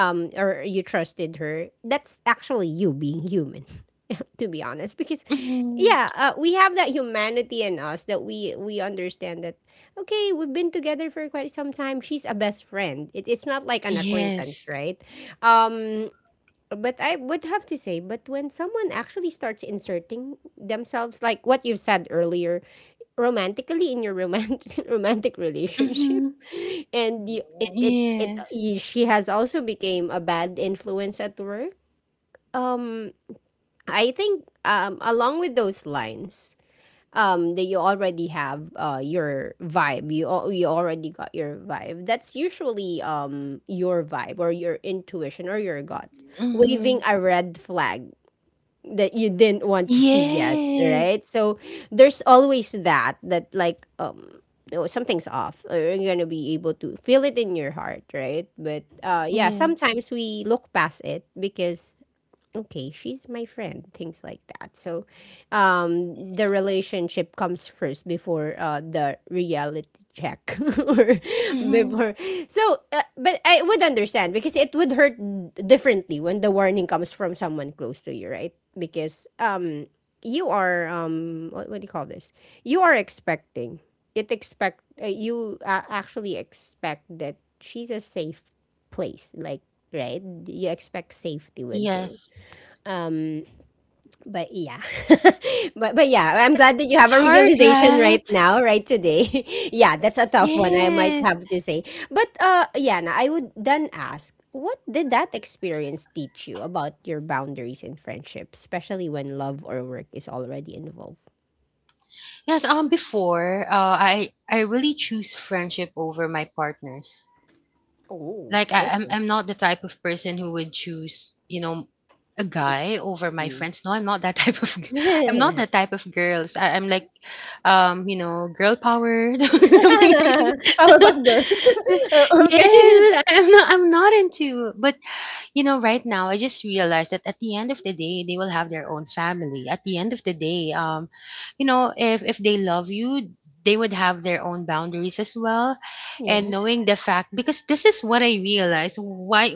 or you trusted her. That's actually you being human, to be honest, because
hmm.
yeah, we have that humanity in us that we understand that okay, we've been together for quite some time, she's a best friend, it's not like an
Yes.
acquaintance, right? um but I would have to say, but when someone actually starts inserting themselves, like what you said earlier, romantically, in your romantic romantic relationship,
Mhm.
and you,
Mhm.
it
Yes.
y she has also became a bad influence at work. um I think, along with those lines, that you already have, your vibe, you already got your vibe. That's usually, your vibe or your intuition or your gut waving
Mhm.
a red flag that you didn't want to see yet,
Yes.
right? So there's always that like, no, something's off, or you're gonna be able to feel it in your heart, right? But yeah,
Yeah.
sometimes we look past it because okay, she's my friend, things like that. So, the relationship comes first before, the reality check or
Mhm.
before. So, but I would understand because it would hurt differently when the warning comes from someone close to you, right? Because you are, what, do you call this? You are expecting it. Expect you Actually expect that she's a safe place, like, right? You expect safety with
Yes.
her. But yeah. but yeah, I'm
It's
glad that you
it's
have a
hard,
realization
right?
right now, right today. Yeah, that's a tough one, I might
Yes.
have to say. But Yana, I would then ask, what did that experience teach you about your boundaries in friendship, especially when love or work is already involved?
Yes, before, I really choose friendship over my partners.
Oh,
Like I I'm
okay.
I'm not the type of person who would choose, a guy over my
Mm.
friends. No, I'm not that I'm not that type of girls. I'm like, girl power, something like that.
Powerpuff girls.
Yes,
Okay.
but I'm not. I'm not into. But right now, I just realized that at the end of the day, they will have their own family. At the end of the day, if they love you, they would have their own boundaries as well. And
Yes.
knowing the fact, because this is what I realized. Why?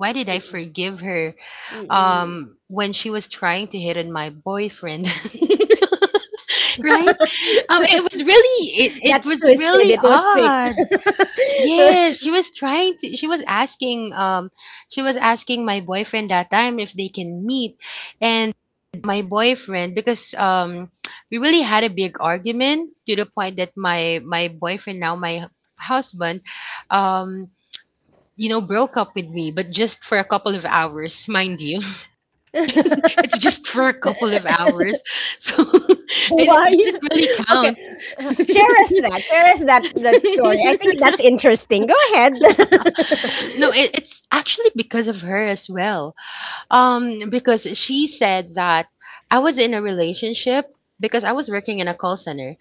Why did I
Mm-mm.
forgive her,
Mm-mm.
when she was trying to hit on my boyfriend? Right? Um, it was really it, it
That's
was
twisted.
really
It was sick.
odd. Yes, she was asking my boyfriend that time if they can meet. And my boyfriend, because we really had a big argument to the point that my boyfriend, now my husband, um broke up with me, but just for a couple of hours, mind you. It's just for a couple of hours. So it,
Why?
it doesn't really
Okay.
count.
Share us
No,
that. Share us that story. I think that's interesting. Go ahead.
it's actually because of her as well. Because she said that I was in a relationship because I was working in a call center.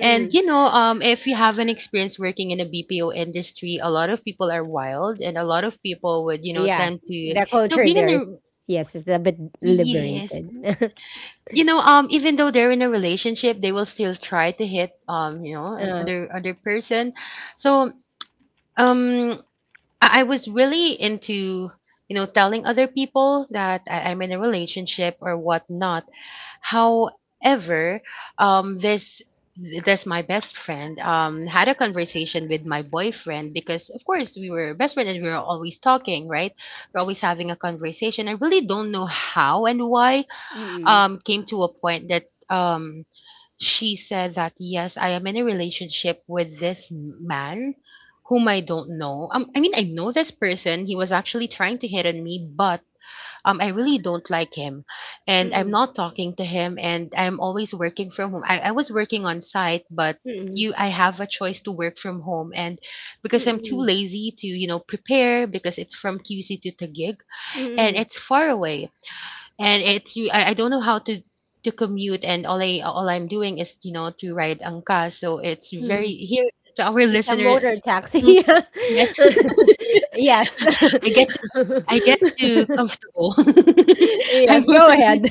And if you haven't experienced working in a BPO industry, a lot of people are wild, and a lot of people would,
Yeah.
tend to,
The culture
being in
there
a.
is. Yes, it's a bit
Yes.
liberated.
Even though they're in a relationship, they will still try to hit, an
Uh,
other person. So, um I was really into, telling other people that I'm in a relationship or whatnot. However, um, this this my best friend had a conversation with my boyfriend, because of course we were best friends and we were always talking, right? We're always having a conversation. I really don't know how and why.
mm-mm.
Came to a point that um she said that, yes, I am in a relationship with this man whom I don't know. I mean, I know this person. He was actually trying to hit on me, but I really don't like him, and I'm
Mm-mm.
not talking to him. And I'm always working from home. I was working on site, but
Mm-mm.
you I have a choice to work from home, and because I'm too
Mm-mm.
lazy to, prepare, because it's from QC to Tagig, and
Mm-mm.
it's far away. And it's you I don't know how to commute. And all I'm doing is, to ride angka, so it's very
Mm-mm.
here to our
It's a
listeners.
motor
ang-
taxi.
yes.
Yeah. Yes.
I get to I get to comfortable.
Yes,
I'm.
go ahead.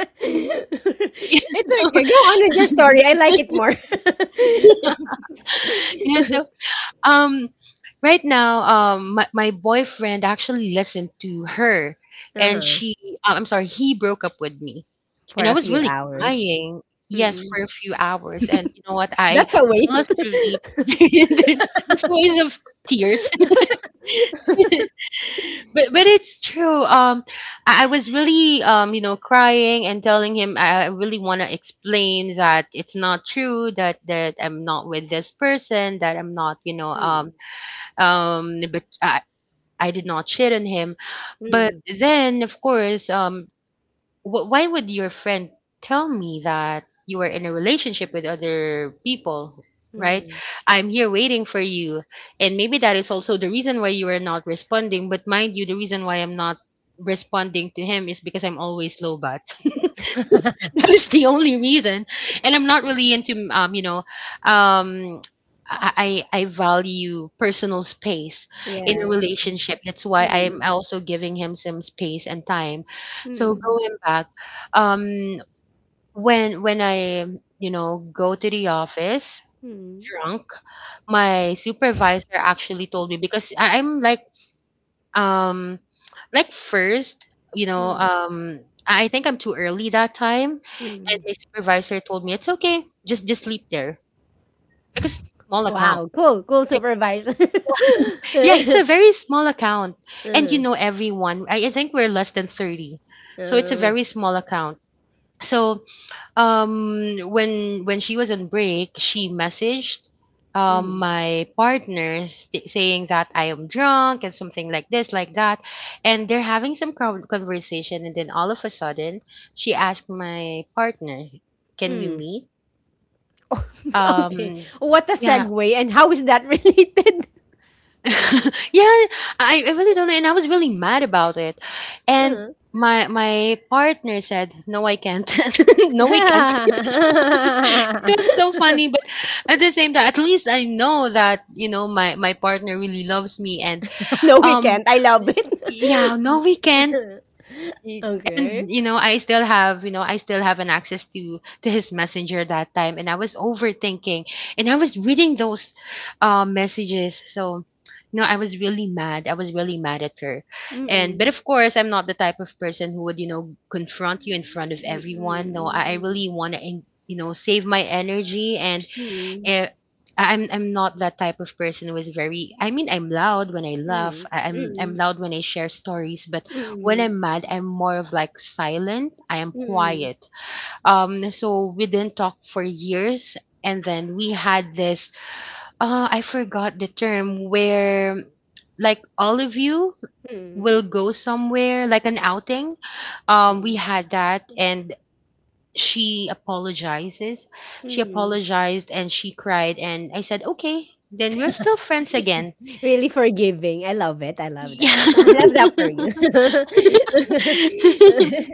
It's okay. Go on with your story. I like it more.
Yeah. So um right now, my boyfriend actually listened to her. And
Uh-huh.
she I'm sorry, he broke up with me. And
For
I
a
was
few
really
hours.
crying. Yes,
Mm.
for a few hours, and you know what? I
That's a
I fell
waste.
asleep. This waves of tears. But it's true. I was really, crying and telling him, I really want to explain that it's not true, that that I'm not with this person, that I'm not,
Mm.
but I did not shit on him. But
Mm.
then, of course. Um, Wh why would your friend tell me that you were in a relationship with other people, right?
Mm.
I'm here waiting for you. And maybe that is also the reason why you are not responding. But mind you, the reason why I'm not responding to him is because I'm always low bat. That is the only reason. And I'm not really into, um I value personal space in a
Yes.
relationship. That's why I'm
Mm.
also giving him some space and time. So
Mm.
going back, um when I, go to the office
Mm. Mm.
drunk, my supervisor actually told me, because I'm like, um like first, you know
Mm.
um I think I'm too early that time. And
Mm.
my supervisor told me it's okay, just sleep there, like it's a small account.
Wow, cool, cool
Like,
supervisor.
yeah, it's a very small account. And
Uh-huh.
everyone, I think we're less than 30. So it's a
Uh,
very small account. So when she was on break, she messaged
mm.
my partner, saying that I am drunk and something like this, like that. And they're having some conversation. And then all of a sudden, she asked my partner, can we
Mm.
meet?
Oh, okay,
um
what a
yeah.
segue, and how is that related?
Yeah. I really don't know, and I was really mad about it. And
Uh-huh.
my partner said, no, I can't. No, we can't. It was so funny, but at the same time, at least I know that, my partner really loves me. And
No, we
um
can't. I love it.
yeah, no, we can't. Y-
Okay.
and I still have an access to his messenger that time, and I was overthinking. And I was reading those messages. So, I was really mad at her. And but
Mm.
of course I'm not the type of person who would, confront you in front of everyone. No, I really want to, save my energy. And
Mm,
Eh, I'm not that type of person who is very. I mean, I'm loud when I laugh.
mm,
I'm
mm,
loud when I share stories, but when
mm,
I'm mad, I'm more of like silent. I am
mm, mm,
quiet. So we didn't talk for years, and then we had this, I forgot the term, where like all of you will go somewhere, like an outing. We
mm,
had that, and she apologizes. She
mm.
apologized and she cried and I said, "Okay, then we're still friends again."
Really forgiving. I love it. I love that.
Yeah.
I love that for you.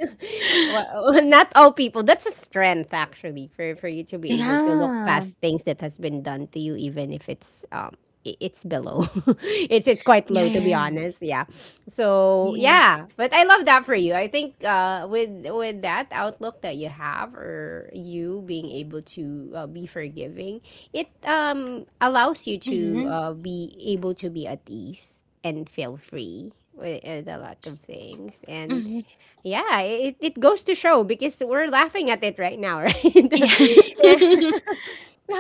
Well, not all people. That's a strength actually, for you to be able to look
Yeah.
past things that has been done to you, even if it's below. It's quite
Yeah,
low, to be
yeah.
honest. Yeah. So
Yes.
yeah, but I love that for you. I think, with that outlook that you have, or you being able to, be forgiving, it allows you to,
Mhm.
be able to be at ease and feel free with a lot of things. And
Mhm.
yeah, it goes to show because we're laughing at it right now, right?
Yeah.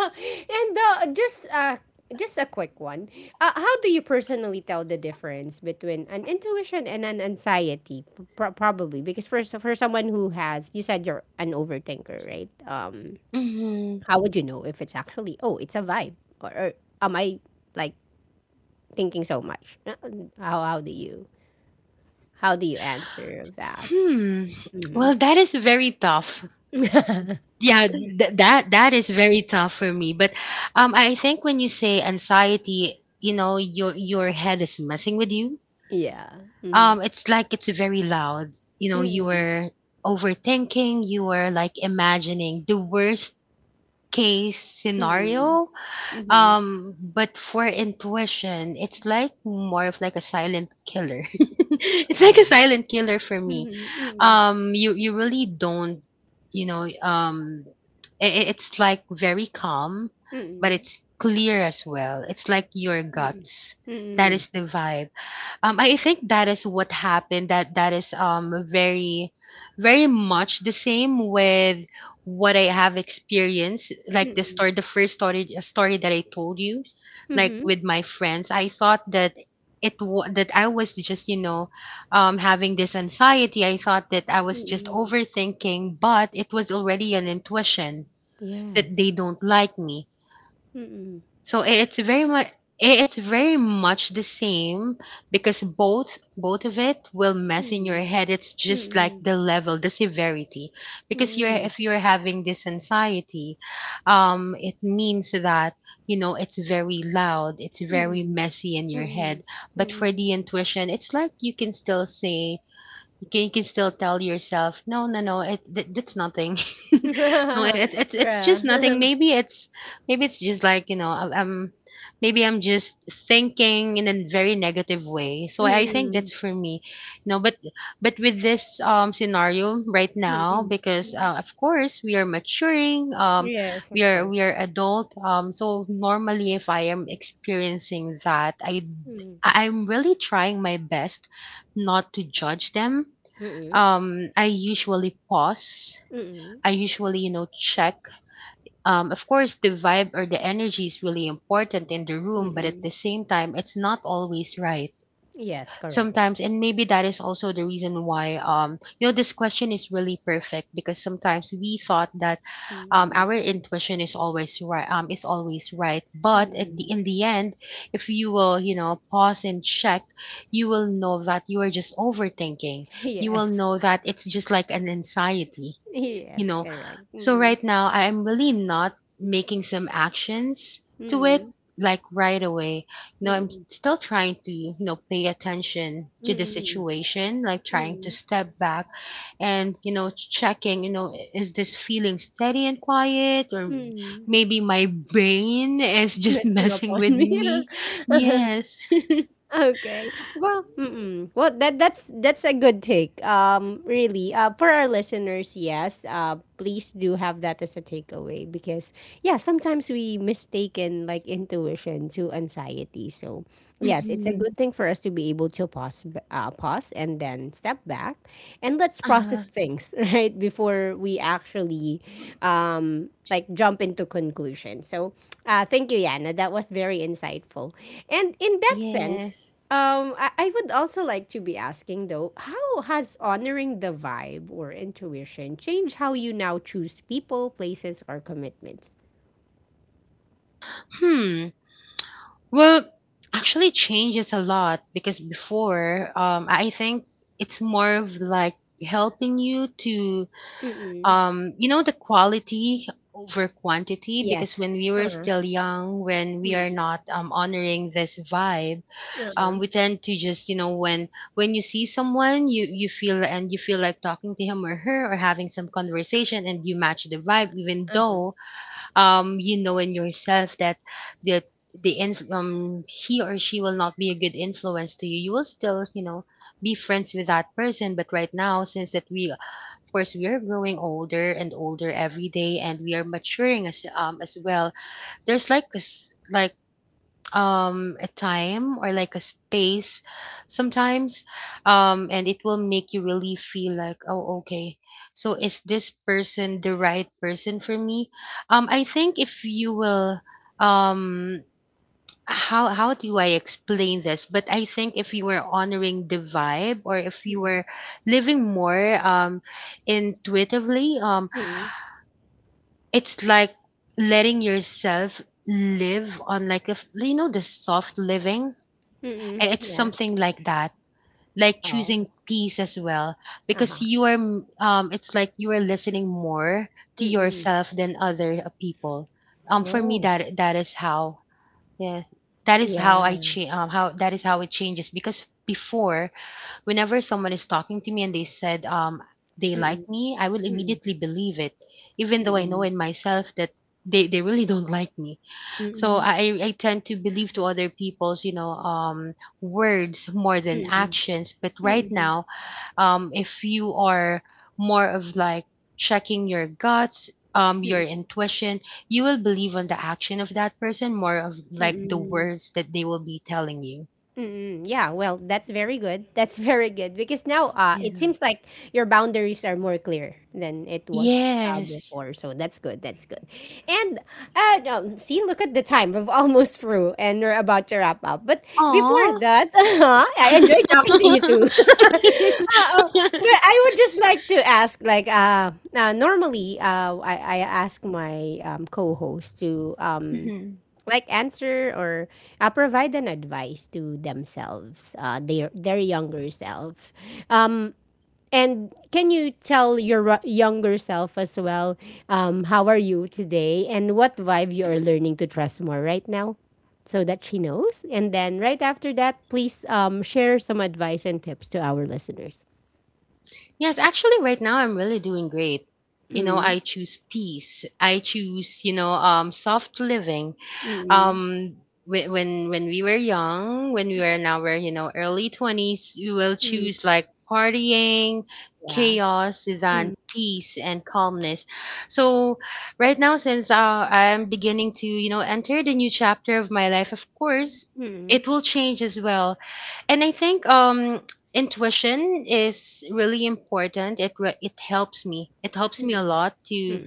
And just a quick one. How do you personally tell the difference between an intuition and an anxiety? Probably because, for someone who has, you said you're an overthinker, right?
Mhm.
How would you know if it's actually, oh, it's a vibe, or am I, like, thinking so much? How how do you how do you answer that?
Hmm.
Hmm.
Well, that is very tough. Yeah, that is very tough for me. But I think when you say anxiety, your head is messing with you.
Yeah. Mm-hmm.
It's like, it's very loud. You
Mm-hmm.
were overthinking, you were like imagining the worst case
Mm-hmm.
scenario.
Mm-hmm.
But for intuition, it's like more of like a silent killer. It's like a
Yeah.
silent killer for me.
Mm-hmm.
You really don't, you know, um, it's like very calm, but
Mm-hmm.
it's clear as well. It's like your
Mm.
guts. That
Mm,
is the vibe. I think that is what happened. That that is, very, very much the same with what I have experienced. Like the
mm.
story, the first story that I told you, like
Mhm.
with my friends, I thought that I was just having this anxiety. I thought that I was just
Mm.
overthinking, but it was already an intuition that
Yes.
they don't like me.
Mm.
So it's very much the same, because both of it will mess in your
Mm.
head. It's just like
Mm.
the level, the severity. Because you're
Mm.
if you're having this anxiety, it means that, it's very loud, it's very
Mm.
messy in your
Mm.
head. But for the intuition, it's like you can still tell yourself, no, no, no, that's nothing. No,
Mm.
it's just nothing.
True.
Maybe it's just like, you know, I- I'm maybe I'm just thinking in a very negative way. So I think
Mm.
that's for me, you know. But but with this scenario right now,
Mm.
because
Mm.
of course we are maturing,
Yes,
we
of
are
course.
we are adult. So normally, if I am experiencing that, I
Mm.
I'm really trying my best not to judge them.
Mm.
I usually pause.
Mm.
I usually, check. Of course, the vibe or the energy is really important in the room, but at
Mm.
the same time, it's not always right
Yes, correct.
sometimes. And maybe that is also the reason why, this question is really perfect because sometimes we thought that
Mm.
our intuition is always right, but at the,
Mm.
in the end, if you will, pause and check, you will know that you are just overthinking. You will
Yes.
know that it's just like an anxiety, you
Yes,
know
correct.
so
Mm.
right now I am really not making some actions to it,
Mm.
like right away. I'm
Mm.
still trying to, pay attention to the
Mm.
situation, like trying to
Mm.
step back and, checking, is this feeling steady and quiet or
Mm.
maybe my brain is
Just
just
messing up
messing
on
with
me.
me? Yes.
Okay. Well, mm-mm. Well, that's a good take. Really. For our listeners, yes. Please do have that as a takeaway because, yeah, sometimes we mistaken like intuition to anxiety. So yes, it's a
Mm-hmm.
good thing for us to be able to pause, pause, and then step back, and let's
uh,
process things right before we actually, like, jump into conclusion. So, thank you, Yana. That was very insightful. And in that sense,
yes.
I would also like to be asking, though, how has honoring the vibe or intuition changed how you now choose people, places, or commitments?
Hmm. Well, actually changes a lot because before, I think it's more of like helping you to,
Mm-mm.
you know, the quality over quantity, because
Yes.
when we were
Uh-huh.
still young, when we are
Mm.
not honoring this vibe,
Uh-huh.
we tend to just, you know, when you see someone, you feel, and you feel like talking to him or her or having some conversation, and you match the vibe, even
Uh-huh.
though, you know in yourself that that the he or she will not be a good influence to you, you will still, you know, be friends with that person. But right now, since that, we of course we are growing older and older every day, and we are maturing as, as well, there's like this, like, a time or like a space sometimes, and it will make you really feel like, oh okay, so is this person the right person for me? I think if you will, um how do I explain this, but I think if you were honoring the vibe, or if you were living more, intuitively,
Mm.
it's like letting yourself live on like a you know, the soft living.
Mm-mm.
It's
Yeah.
something like that, like
Oh.
choosing peace as well, because
Uh-huh.
you are, it's like you are listening more to
Mm-mm.
yourself than other, people. For me,
Oh.
that is how, yeah, that is how I
Yeah.
change. How that is how it changes because before, whenever someone is talking to me and they said, they like
Mm-mm.
me, I will immediately believe it, even though I know
Mm-mm.
in myself that they really don't like me, so
Mm-mm.
I tend to believe to other people's, words more than
Mm-mm.
actions. But right
Mm-mm.
now, if you are more of like checking your guts, your
Mm-mm.
intuition, you will believe on the action of that person more of like the
Mm-mm.
words that they will be telling you.
Mm, yeah, well, that's very good. That's very good because now, it
Yeah.
seems like your boundaries are more clear than it was,
Yes.
before. So that's good. That's good. And no, see, look at the time. We've almost through and we're about to wrap up. But
Aw.
before that, I enjoyed talking to you too. But I would just like to ask, like, normally, I ask my, co-host to,
Mhm.
like, answer or, provide an advice to themselves, their younger selves. Um, and can you tell your, younger self as well? How are you today, and what vibe you are learning to trust more right now, so that she knows. And then right after that, please, share some advice and tips to our listeners.
Yes, actually, right now I'm really doing great. You know,
Mm,
I choose peace. I choose, soft living.
mm,
Um, when we were young, when we were in our, you know, early twenties, we will choose like partying,
yeah.
chaos, than
Mm,
peace and calmness. So, right now, since I'm beginning to, you know, enter the new chapter of my life, of course,
mm,
it will change as well. And I think intuition is really important. It helps me. It helps me a
mm,
lot to,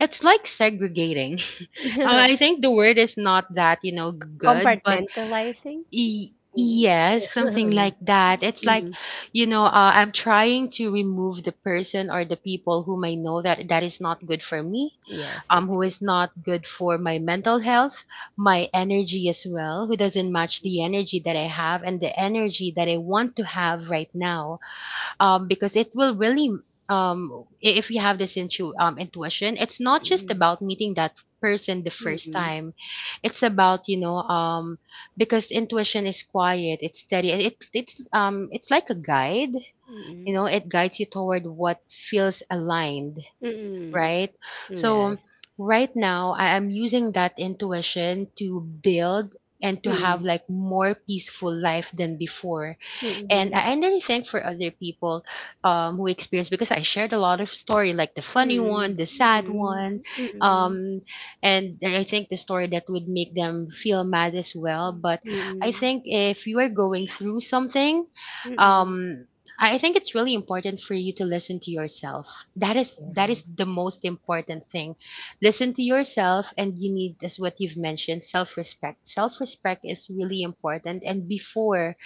it's like segregating.
mm.
I think the word is not that, you know, good, but
Compartmentalizing.
yes, something like that. It's like,
Mhm.
you know, I'm trying to remove the person or the people whom I know that is not good for me,
Yes, that's
who
good.
is not good for my mental health, my energy as well, who doesn't match the energy that I have and the energy that I want to have right now. Because it will really, if you have this intuition, it's not just
Mm,
about meeting that person the first
mm,
time, it's about, you know, because intuition is quiet, it's steady, and it's like a guide. You
mm,
know, it guides you toward what feels aligned,
mm,
right?
mm,
So
yes.
right now I am using that intuition to build and to have
Mm,
like more peaceful life than before. And
mm,
I'm really thankful for other people, who experienced because I shared a lot of story, like the funny
mm,
one, the sad
mm,
one,
mm,
um, and I think the story that would make them feel mad as well. But I
mm,
think if you are going through something,
mm,
um, I think it's really important for you to listen to yourself. That is
yes.
the most important thing. Listen to yourself, and you need, as what you've mentioned, self respect. Self respect is really important. And before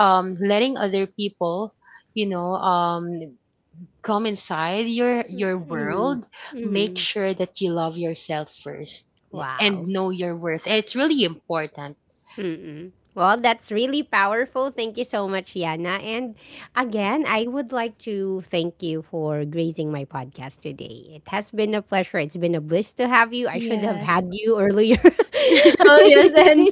letting other people, you know um come inside your
Mm, mm,
world, make
mm.
sure that you love yourself first, eh, and
Wow.
know your worth. It's really important.
Mm-mm. Well, that's really powerful. Thank you so much, Yana. And again, I would like to thank you for gracing my podcast today. It has been a pleasure. It's been a bliss to have you. I should have
Yes.
had you earlier. Oh, yes. And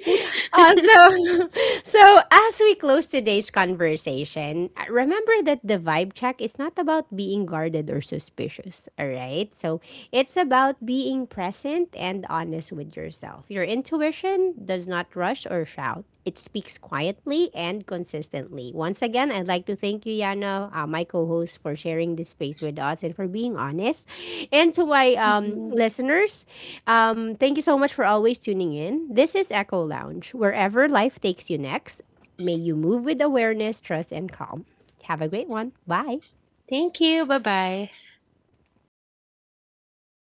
so, so as we close today's conversation, remember that the vibe check is not about being guarded or suspicious. All right, so it's about being present and honest with yourself. Your intuition does not rush or shout. It speaks quietly and consistently. Once again, I'd like to thank you, Yana, my co host, for sharing this space with us and for being honest. And to my,
Mhm.
listeners, thank you so much for always tuning in. This is Echo Lounge, wherever life takes you next. May you move with awareness, trust, and calm. Have a great one. Bye.
Thank you, bye bye.